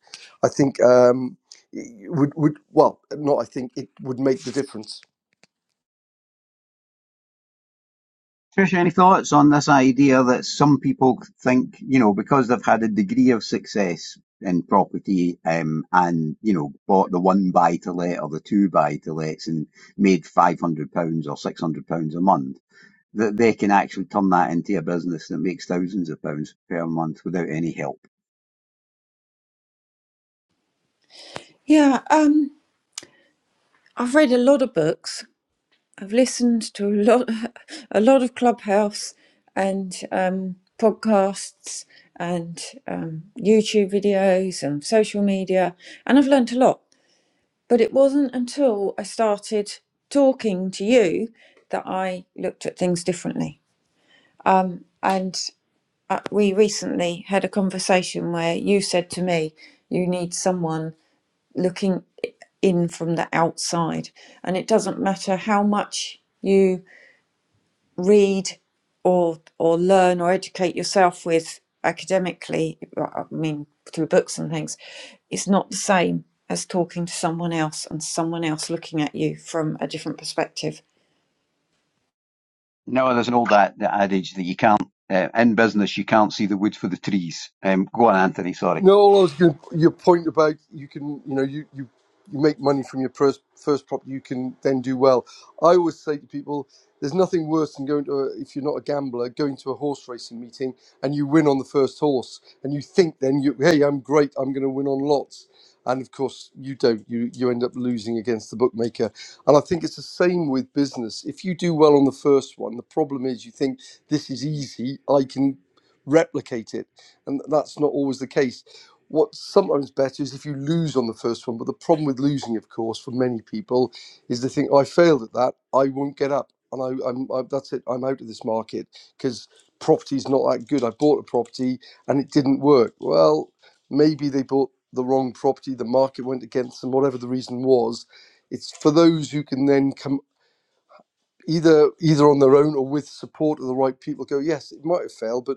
Speaker 3: I think um, it would would well not I think it would make the difference.
Speaker 1: Trish, any thoughts on this idea that some people think, you know, because they've had a degree of success in property um, and, you know, bought the one buy to let or the two buy to lets and made £500 or £600 a month, that they can actually turn that into a business that makes thousands of pounds per month without any help?
Speaker 2: Yeah, um, I've read a lot of books. I've listened to a lot, a lot of Clubhouse and um, podcasts and um, YouTube videos and social media, and I've learnt a lot. But it wasn't until I started talking to you that I looked at things differently. Um, and uh, we recently had a conversation where you said to me, you need someone looking in from the outside, and it doesn't matter how much you read or or learn or educate yourself with academically. well, I mean, through books and things, it's not the same as talking to someone else and someone else looking at you from a different perspective.
Speaker 1: No, there's an old adage that you can't, uh, in business, you can't see the wood for the trees. Um, go on, Anthony, sorry.
Speaker 3: No, I was going to, your point about you can, you know, you, you, you make money from your first, first prop, you can then do well. I always say to people, there's nothing worse than going to, a, if you're not a gambler, going to a horse racing meeting and you win on the first horse and you think then, you, hey, I'm great, I'm going to win on lots. And of course, you don't. You, you end up losing against the bookmaker. And I think it's the same with business. If you do well on the first one, the problem is you think this is easy, I can replicate it. And that's not always the case what's sometimes better is if you lose on the first one. But the problem with losing, of course, for many people, is they think, oh, I failed at that. I won't get up. And I, I'm, I, that's it. I'm out of this market because property's not that good. I bought a property and it didn't work. Well, maybe they bought the wrong property. The market went against them, whatever the reason was. It's for those who can then come either either on their own or with support of the right people. Go, yes, it might have failed, but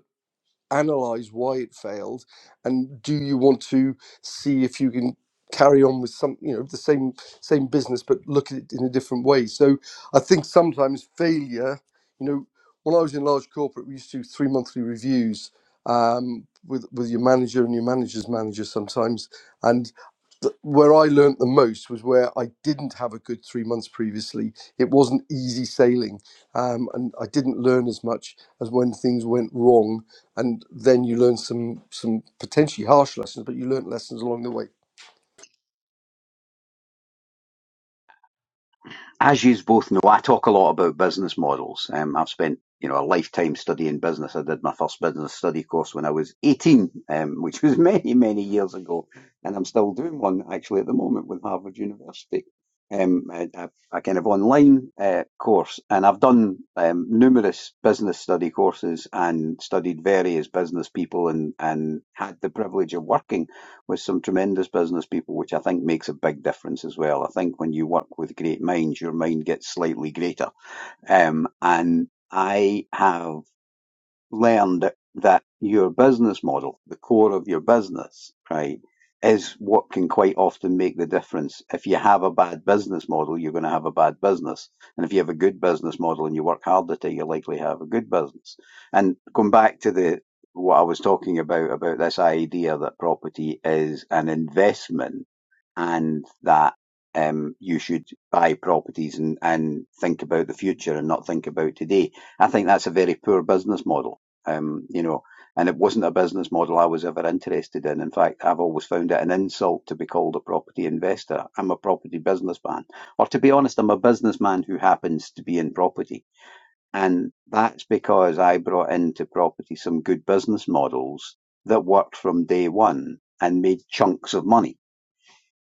Speaker 3: analyze why it failed and do you want to see if you can carry on with some you know the same same business but look at it in a different way so i think sometimes failure you know when i was in large corporate we used to do three monthly reviews um, with with your manager and your manager's manager sometimes and th- where I learnt the most was where I didn't have a good three months previously. It wasn't easy sailing, um, and I didn't learn as much as when things went wrong. And then you learn some some potentially harsh lessons, but you learnt lessons along the way.
Speaker 1: As yous both know, I talk a lot about business models. Um, I've spent you know a lifetime studying business. I did my first business study course when I was 18, um, which was many many years ago, and I'm still doing one actually at the moment with Harvard University. Um, a, a kind of online uh, course, and I've done um, numerous business study courses and studied various business people and and had the privilege of working with some tremendous business people, which I think makes a big difference as well. I think when you work with great minds, your mind gets slightly greater. Um, and I have learned that your business model, the core of your business, right, is what can quite often make the difference. If you have a bad business model, you're going to have a bad business. And if you have a good business model and you work hard at it, you're likely have a good business. And going back to the, what I was talking about, about this idea that property is an investment and that um, you should buy properties and, and think about the future and not think about today. I think that's a very poor business model. Um, you know, and it wasn't a business model I was ever interested in. In fact, I've always found it an insult to be called a property investor. I'm a property businessman, or to be honest, I'm a businessman who happens to be in property. And that's because I brought into property some good business models that worked from day one and made chunks of money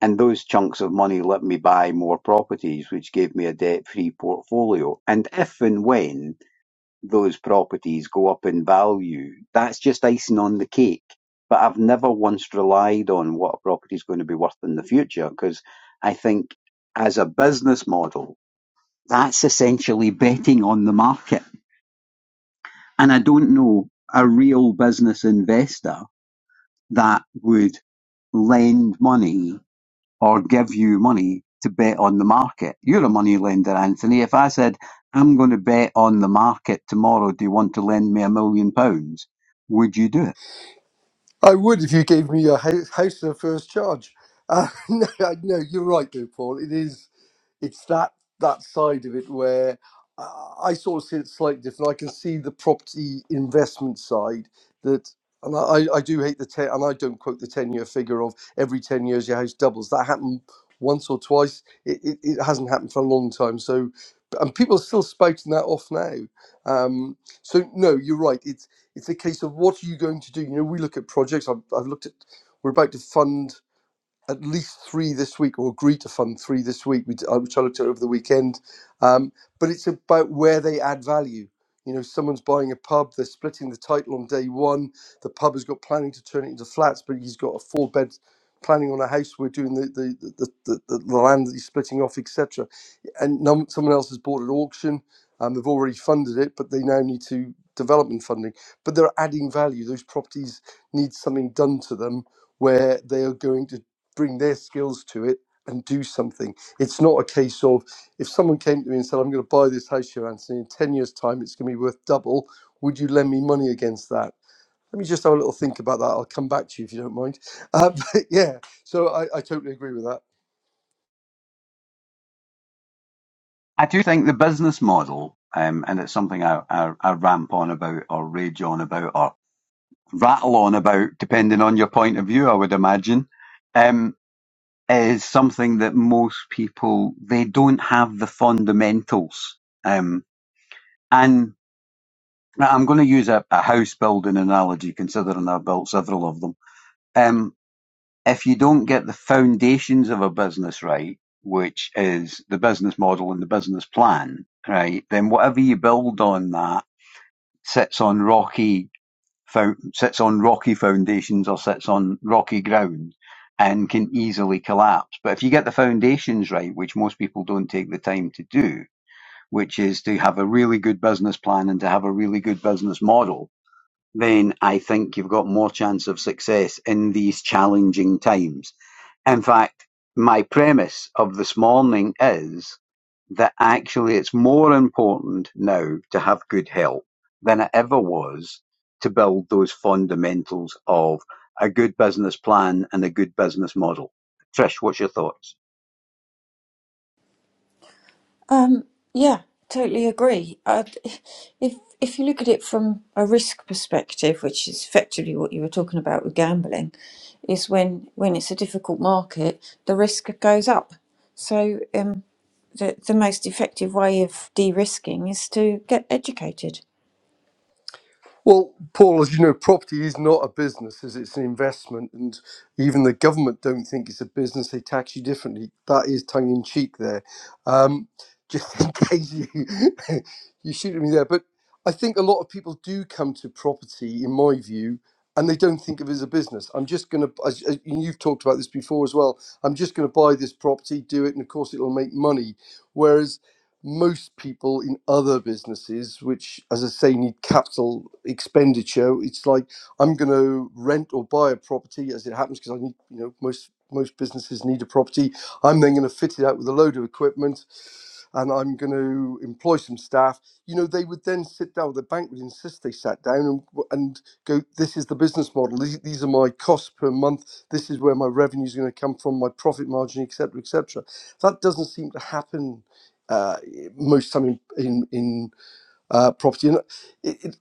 Speaker 1: and those chunks of money let me buy more properties, which gave me a debt-free portfolio. And if and when those properties go up in value, that's just icing on the cake. But I've never once relied on what a property is going to be worth in the future because I think as a business model, that's essentially betting on the market. And I don't know a real business investor that would lend money or give you money to bet on the market. You're a money lender, Anthony. If I said, I'm going to bet on the market tomorrow, do you want to lend me a million pounds? Would you do it?
Speaker 3: I would if you gave me your house, house the first charge. Uh, no, I- no, you're right, though, Paul. It is, it's that that side of it where uh, I sort of see it slightly different. I can see the property investment side that, and I, I do hate the ten, and I don't quote the ten year figure of every ten years your house doubles. That happened once or twice. It, it, it hasn't happened for a long time. So, and people are still spouting that off now. Um, so no, you're right. It's it's a case of what are you going to do? You know, we look at projects. I've, I've looked at. We're about to fund at least three this week or agree to fund three this week. We, d- I was trying to over the weekend. Um, but it's about where they add value. You know, someone's buying a pub, they're splitting the title on day one. The pub has got planning to turn it into flats, but he's got a four bed planning on a house. We're doing the, the, the, the, the, the land that he's splitting off, etc. And num- someone else has bought at auction. Um, they've already funded it, but they now need to development funding. But they're adding value. Those properties need something done to them where they are going to bring their skills to it and do something. It's not a case of if someone came to me and said, I'm going to buy this house here, Anthony, in 10 years' time, it's going to be worth double. Would you lend me money against that? Let me just have a little think about that. I'll come back to you if you don't mind. Uh, but yeah, so I, I totally agree with that.
Speaker 1: I do think the business model, um, and it's something I, I, I ramp on about or rage on about or rattle on about, depending on your point of view, I would imagine, um, is something that most people, they don't have the fundamentals. Um, and Now, I'm going to use a, a house building analogy, considering I've built several of them. Um, if you don't get the foundations of a business right, which is the business model and the business plan, right, then whatever you build on that sits on rocky sits on rocky foundations or sits on rocky ground and can easily collapse. But if you get the foundations right, which most people don't take the time to do, which is to have a really good business plan and to have a really good business model, then I think you've got more chance of success in these challenging times. In fact, my premise of this morning is that actually it's more important now to have good health than it ever was to build those fundamentals of a good business plan and a good business model. Trish, what's your thoughts?
Speaker 2: Um, yeah, totally agree. i if if you look at it from a risk perspective, which is effectively what you were talking about with gambling, is when when it's a difficult market, the risk goes up. So um, the the most effective way of de-risking is to get educated.
Speaker 3: Well, Paul, as you know, property is not a business, as it's an investment, and even the government don't think it's a business. They tax you differently. That is tongue in cheek there, um, just in case you you shoot at me there. But I think a lot of people do come to property, in my view, and they don't think of it as a business. I'm just going to, as, as- and you've talked about this before as well. I'm just going to buy this property, do it, and of course it'll make money. Whereas most people in other businesses, which, as I say, need capital expenditure. It's like I'm going to rent or buy a property, as it happens, because I need, you know, most most businesses need a property. I'm then going to fit it out with a load of equipment, and I'm going to employ some staff. You know, they would then sit down. The bank would insist they sat down and and go, "This is the business model. These, these are my costs per month. This is where my revenue is going to come from, my profit margin, etc., etc." That doesn't seem to happen uh, most time in in, in uh, property. And uh, it, it,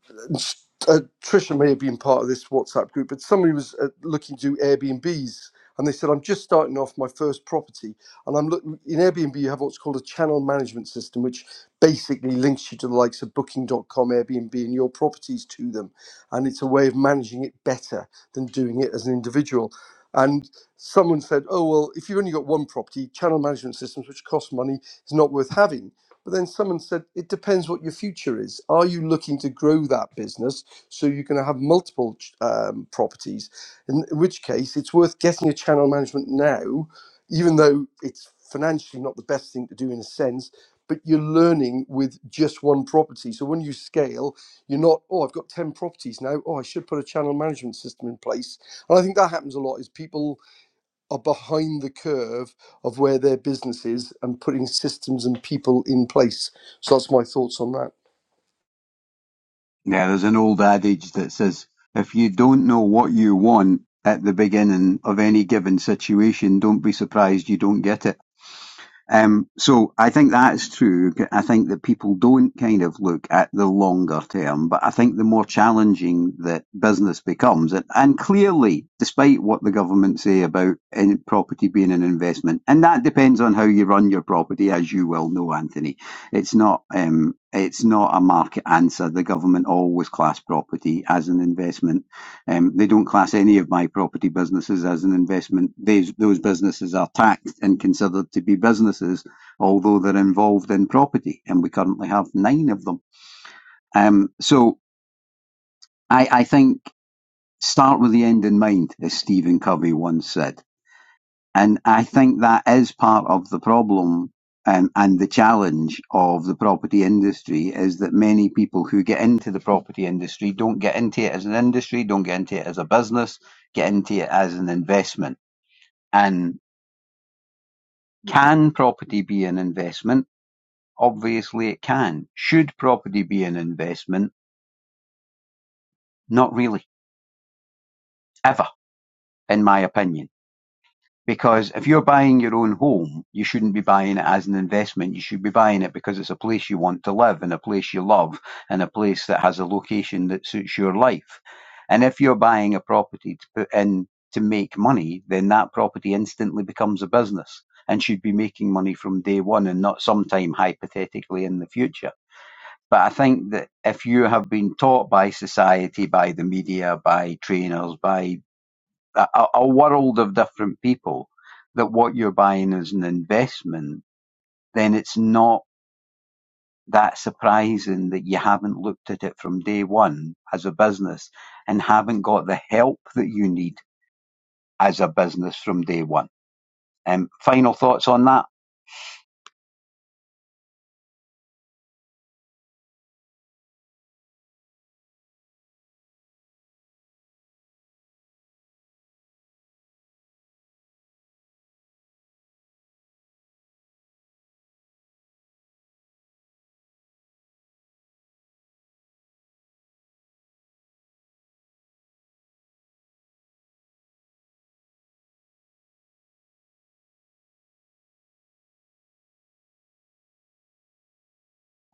Speaker 3: uh, Trisha may have been part of this WhatsApp group, but somebody was uh, looking to do Airbnbs, and they said, "I'm just starting off my first property, and I'm looking in Airbnb. You have what's called a channel management system, which basically links you to the likes of Booking. dot com, Airbnb, and your properties to them, and it's a way of managing it better than doing it as an individual." And someone said, "Oh well, if you've only got one property, channel management systems, which cost money, is not worth having." But then someone said, it depends what your future is. Are you looking to grow that business so you are going to have multiple um, properties? In which case, it's worth getting a channel management now, even though it's financially not the best thing to do in a sense. But you're learning with just one property. So when you scale, you're not, oh, I've got 10 properties now. Oh, I should put a channel management system in place. And I think that happens a lot is people are behind the curve of where their business is and putting systems and people in place. So that's my thoughts on that.
Speaker 1: Yeah, there's an old adage that says if you don't know what you want at the beginning of any given situation, don't be surprised you don't get it. Um, so I think that is true. I think that people don't kind of look at the longer term, but I think the more challenging that business becomes, and, and clearly, despite what the government say about in property being an investment, and that depends on how you run your property, as you well know, Anthony. It's not um, it's not a market answer. The government always class property as an investment um, they don't class any of my property businesses as an investment. These, those businesses are taxed and considered to be businesses, although they're involved in property, and we currently have nine of them. Um, so I, I think start with the end in mind, as Stephen Covey once said. And I think that is part of the problem um, and the challenge of the property industry is that many people who get into the property industry don't get into it as an industry, don't get into it as a business, get into it as an investment. And can property be an investment? Obviously, it can. Should property be an investment? Not really, ever, in my opinion. Because if you're buying your own home, you shouldn't be buying it as an investment. You should be buying it because it's a place you want to live and a place you love and a place that has a location that suits your life. And if you're buying a property to put in to make money, then that property instantly becomes a business and should be making money from day one and not sometime hypothetically in the future. But I think that if you have been taught by society, by the media, by trainers, by a, a world of different people that what you're buying is an investment, then it's not that surprising that you haven't looked at it from day one as a business and haven't got the help that you need as a business from day one. Um, final thoughts on that?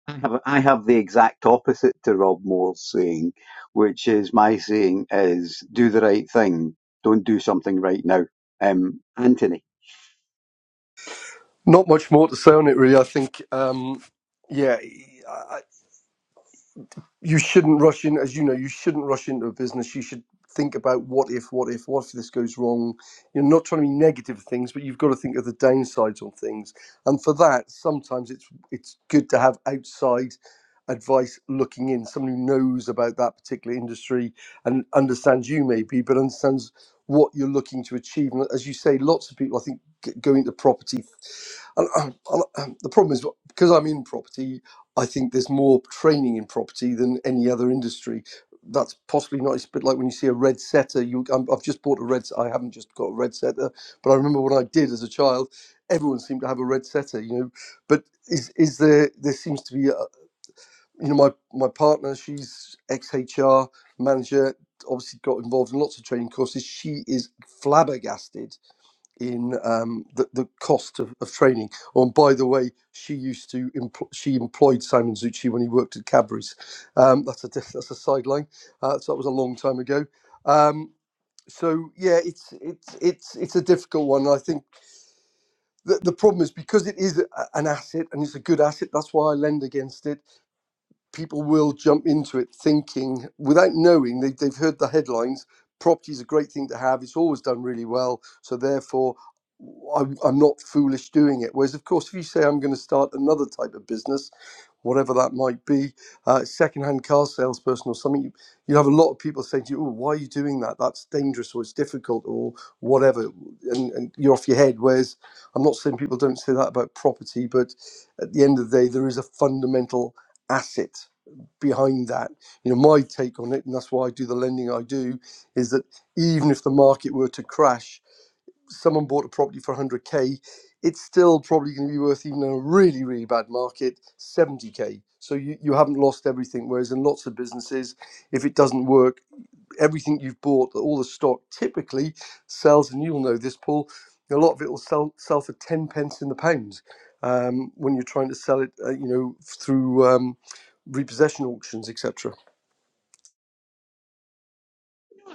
Speaker 1: I have, I have the exact opposite to Rob Moore's saying, which is my saying is do the right thing, don't do something right now. Um, Anthony.
Speaker 3: Not much more to say on it, really. I think, um, yeah, I, you shouldn't rush in as you know you shouldn't rush into a business you should think about what if what if what if this goes wrong you're not trying to be negative things but you've got to think of the downsides on things and for that sometimes it's it's good to have outside advice looking in someone who knows about that particular industry and understands you maybe but understands what you're looking to achieve and as you say lots of people i think g- go into property and, um, and, um, the problem is because i'm in property I think there's more training in property than any other industry. That's possibly not. It's a bit like when you see a red setter. You, I'm, I've just bought a red. I haven't just got a red setter, but I remember when I did as a child. Everyone seemed to have a red setter, you know. But is is there? There seems to be. A, you know, my my partner. She's ex HR manager. Obviously, got involved in lots of training courses. She is flabbergasted in um, the, the cost of, of training. Oh, and by the way, she used to empl- she employed Simon Zucci when he worked at Cadbury's. Um, that's a diff- that's a sideline. Uh, so that was a long time ago. Um, so yeah, it's it's it's it's a difficult one. I think the, the problem is because it is a, an asset and it's a good asset. That's why I lend against it people will jump into it thinking without knowing they, they've heard the headlines property is a great thing to have it's always done really well so therefore I'm, I'm not foolish doing it whereas of course if you say i'm going to start another type of business whatever that might be uh, hand car salesperson or something you, you have a lot of people saying to you oh, why are you doing that that's dangerous or it's difficult or whatever and, and you're off your head whereas i'm not saying people don't say that about property but at the end of the day there is a fundamental asset behind that. You know, my take on it, and that's why I do the lending I do, is that even if the market were to crash, someone bought a property for 100k, it's still probably going to be worth even in a really really bad market 70k. So you, you haven't lost everything. Whereas in lots of businesses, if it doesn't work, everything you've bought, all the stock typically sells, and you'll know this, Paul. A lot of it will sell, sell for ten pence in the pound um, when you're trying to sell it, uh, you know, through um, repossession auctions, etc.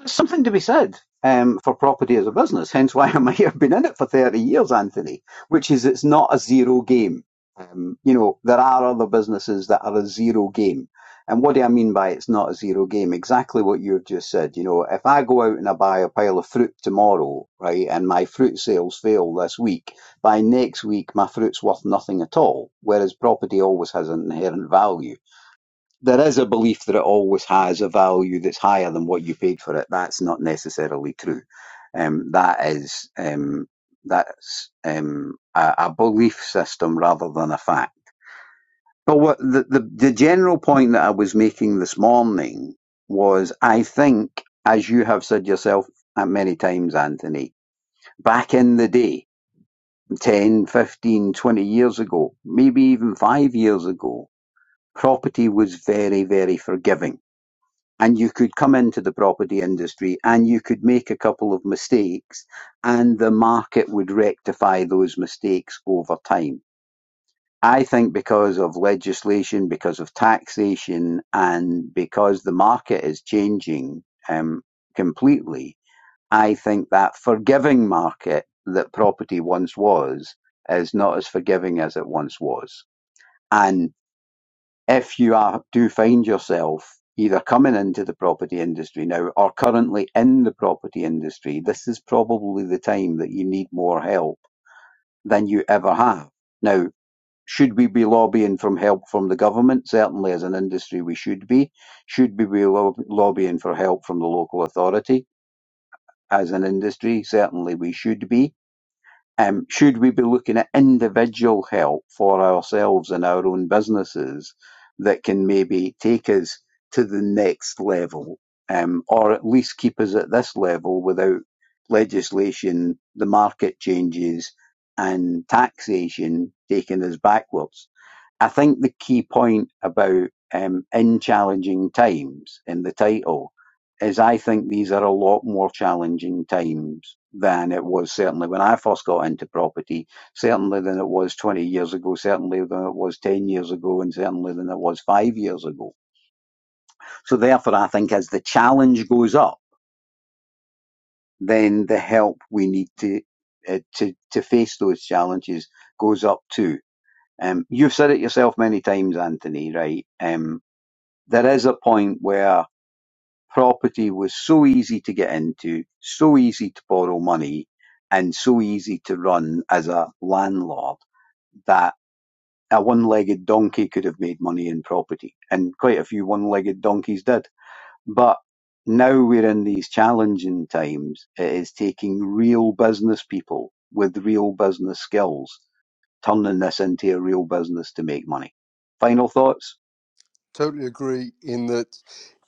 Speaker 1: there's something to be said um, for property as a business, hence why I might have been in it for 30 years, Anthony, which is it's not a zero game. Um, you know, there are other businesses that are a zero game. And what do I mean by it's not a zero game? Exactly what you've just said. You know, if I go out and I buy a pile of fruit tomorrow, right, and my fruit sales fail this week, by next week my fruit's worth nothing at all, whereas property always has an inherent value there is a belief that it always has a value that's higher than what you paid for it. That's not necessarily true. Um, that is um, that's um, a, a belief system rather than a fact. But what the, the the general point that I was making this morning was, I think, as you have said yourself uh, many times, Anthony, back in the day, 10, 15, twenty years ago, maybe even five years ago, property was very, very forgiving and you could come into the property industry and you could make a couple of mistakes and the market would rectify those mistakes over time. I think because of legislation, because of taxation, and because the market is changing um, completely, I think that forgiving market that property once was is not as forgiving as it once was. and if you are do find yourself either coming into the property industry now or currently in the property industry, this is probably the time that you need more help than you ever have. Now, should we be lobbying for help from the government? Certainly, as an industry, we should be. Should we be lo- lobbying for help from the local authority? As an industry, certainly we should be um, should we be looking at individual help for ourselves in our own businesses that can maybe take us to the next level, um, or at least keep us at this level without legislation, the market changes, and taxation taking us backwards? I think the key point about um, in challenging times in the title is I think these are a lot more challenging times than it was certainly when I first got into property, certainly than it was 20 years ago, certainly than it was 10 years ago, and certainly than it was five years ago. So, therefore, I think as the challenge goes up, then the help we need to uh, to to face those challenges goes up too. Um, you've said it yourself many times, Anthony. Right? Um, there is a point where property was so easy to get into, so easy to borrow money, and so easy to run as a landlord that a one-legged donkey could have made money in property. And quite a few one-legged donkeys did. But now we're in these challenging times. It is taking real business people with real business skills, turning this into a real business to make money. Final thoughts?
Speaker 3: Totally agree in that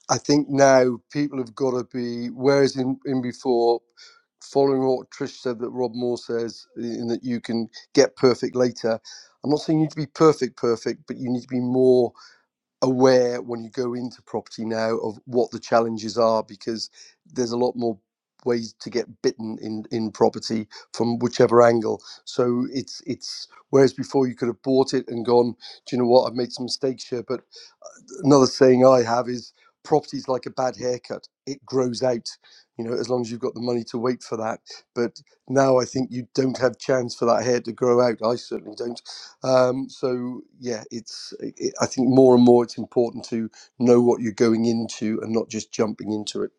Speaker 3: I think now people have got to be, whereas in, in before, following what Trish said that Rob Moore says, in that you can get perfect later. I'm not saying you need to be perfect, perfect, but you need to be more aware when you go into property now of what the challenges are because there's a lot more ways to get bitten in in property from whichever angle so it's it's whereas before you could have bought it and gone do you know what i've made some mistakes here but another saying I have is property's like a bad haircut. It grows out, you know, as long as you've got the money to wait for that. But now I think you don't have chance for that hair to grow out. I certainly don't. Um, so yeah, it's. i i think more and more it's important to know what you're going into and not just jumping into it.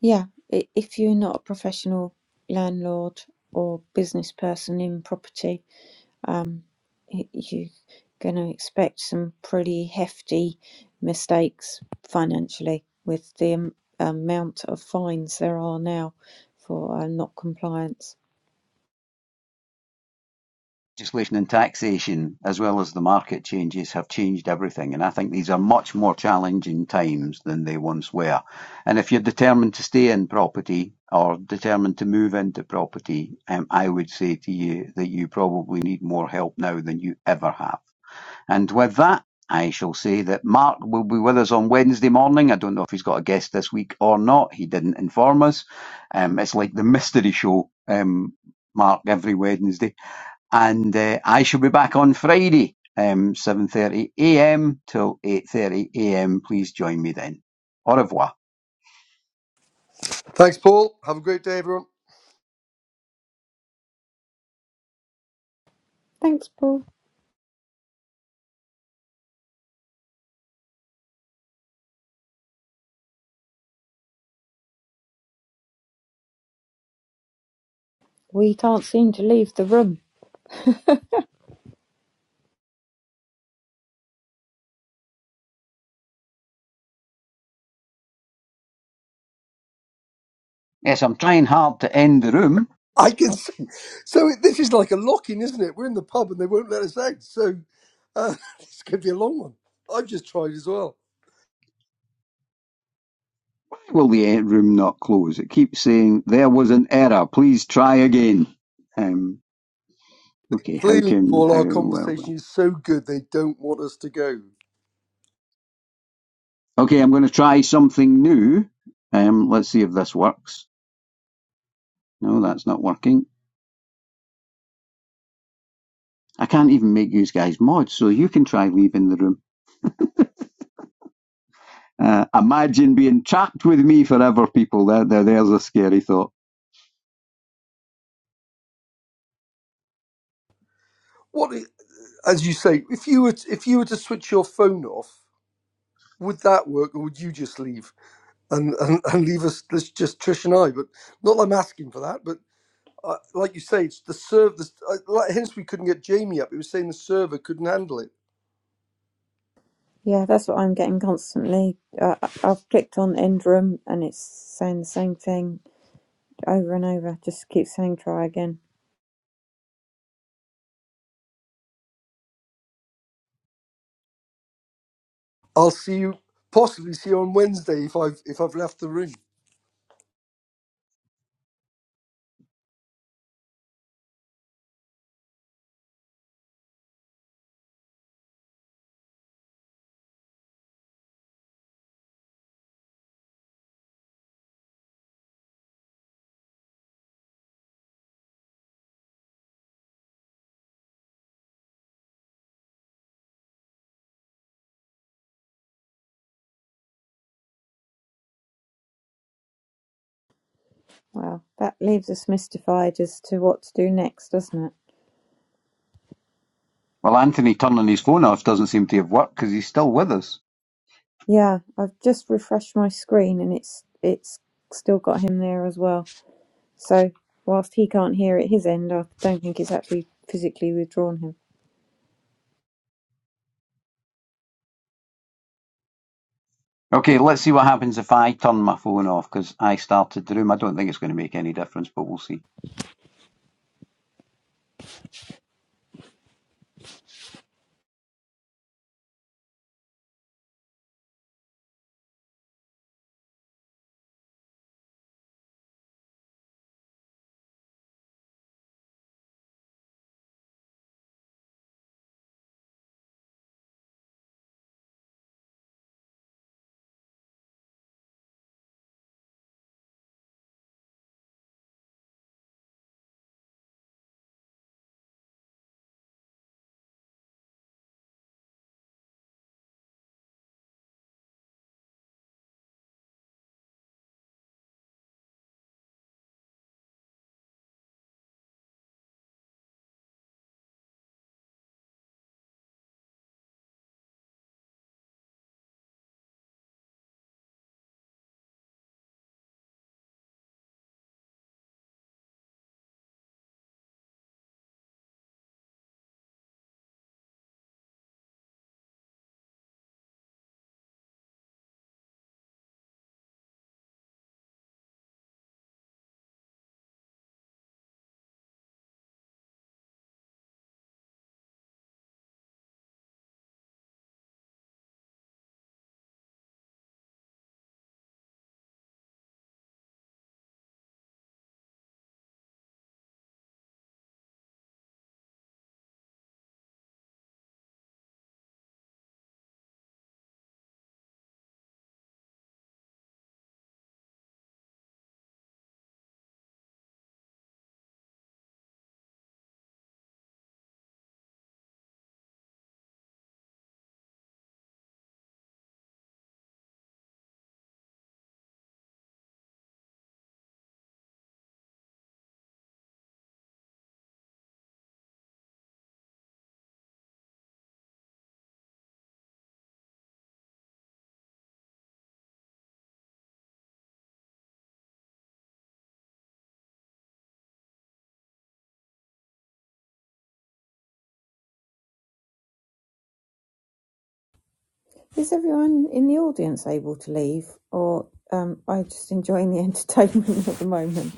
Speaker 2: Yeah, i- if you're not a professional landlord or business person in property, um, y- you're going to expect some pretty hefty mistakes financially with the am- amount of fines there are now for uh, not compliance.
Speaker 1: Legislation and taxation, as well as the market changes, have changed everything. And I think these are much more challenging times than they once were. And if you're determined to stay in property or determined to move into property, um, I would say to you that you probably need more help now than you ever have. And with that, I shall say that Mark will be with us on Wednesday morning. I don't know if he's got a guest this week or not. He didn't inform us. Um, it's like the mystery show, um, Mark, every Wednesday and uh, I shall be back on Friday, um, 7:30 a.m. till 8:30 a.m. Please join me then. Au revoir.
Speaker 3: Thanks, Paul. Have a great day, everyone.
Speaker 2: Thanks, Paul. We can't seem to leave the room.
Speaker 1: Yes, I'm trying hard to end the room.
Speaker 3: I can see. So it- this is like a lock-in, isn't it? We're in the pub and they won't let us out. So uh, it's going to be a long one. I've just tried as well.
Speaker 1: Why will the eh, room not close? It keeps saying there was an error. Please try again. Um, okay, how
Speaker 3: Clearly,
Speaker 1: can?
Speaker 3: Paul,
Speaker 1: How,
Speaker 3: our
Speaker 1: well,
Speaker 3: conversation is so good they don't want us to go.
Speaker 1: Okay, I'm going to try something new. Um, let's see if this works. No, that's not working. I can't even make you guys mods, so you can try leaving the room. Uh, imagine being trapped with me forever, people. There, there, there's a scary thought.
Speaker 3: What, i- as you say, if you were to, if you were to switch your phone off, would that work, or would you just leave and and, and leave us this just Trish and I? But not that I'm asking for that. But uh, like you say, it's the server. The, uh, like, hence we couldn't get Jamie up. It was saying the server couldn't handle it.
Speaker 2: Yeah, that's what I'm getting constantly. Uh, I- I've clicked on end room and it's saying the same thing over and over. Just keeps saying try again.
Speaker 3: I'll see you possibly see you on Wednesday if I've if I've left the room.
Speaker 2: Well, that leaves us mystified as to what to do next, doesn't it?
Speaker 1: Well, Anthony turning his phone off doesn't seem to have worked because he's still with us.
Speaker 2: Yeah, I've just refreshed my screen and it's it's still got him there as well. So whilst he can't hear at his end, I don't think it's actually physically withdrawn him.
Speaker 1: Okay, let's see what happens if I turn my phone off because I started the room. I don't think it's going to make any difference, but we'll see.
Speaker 2: Is everyone in the audience able to leave, or um, I just enjoying the entertainment at the moment?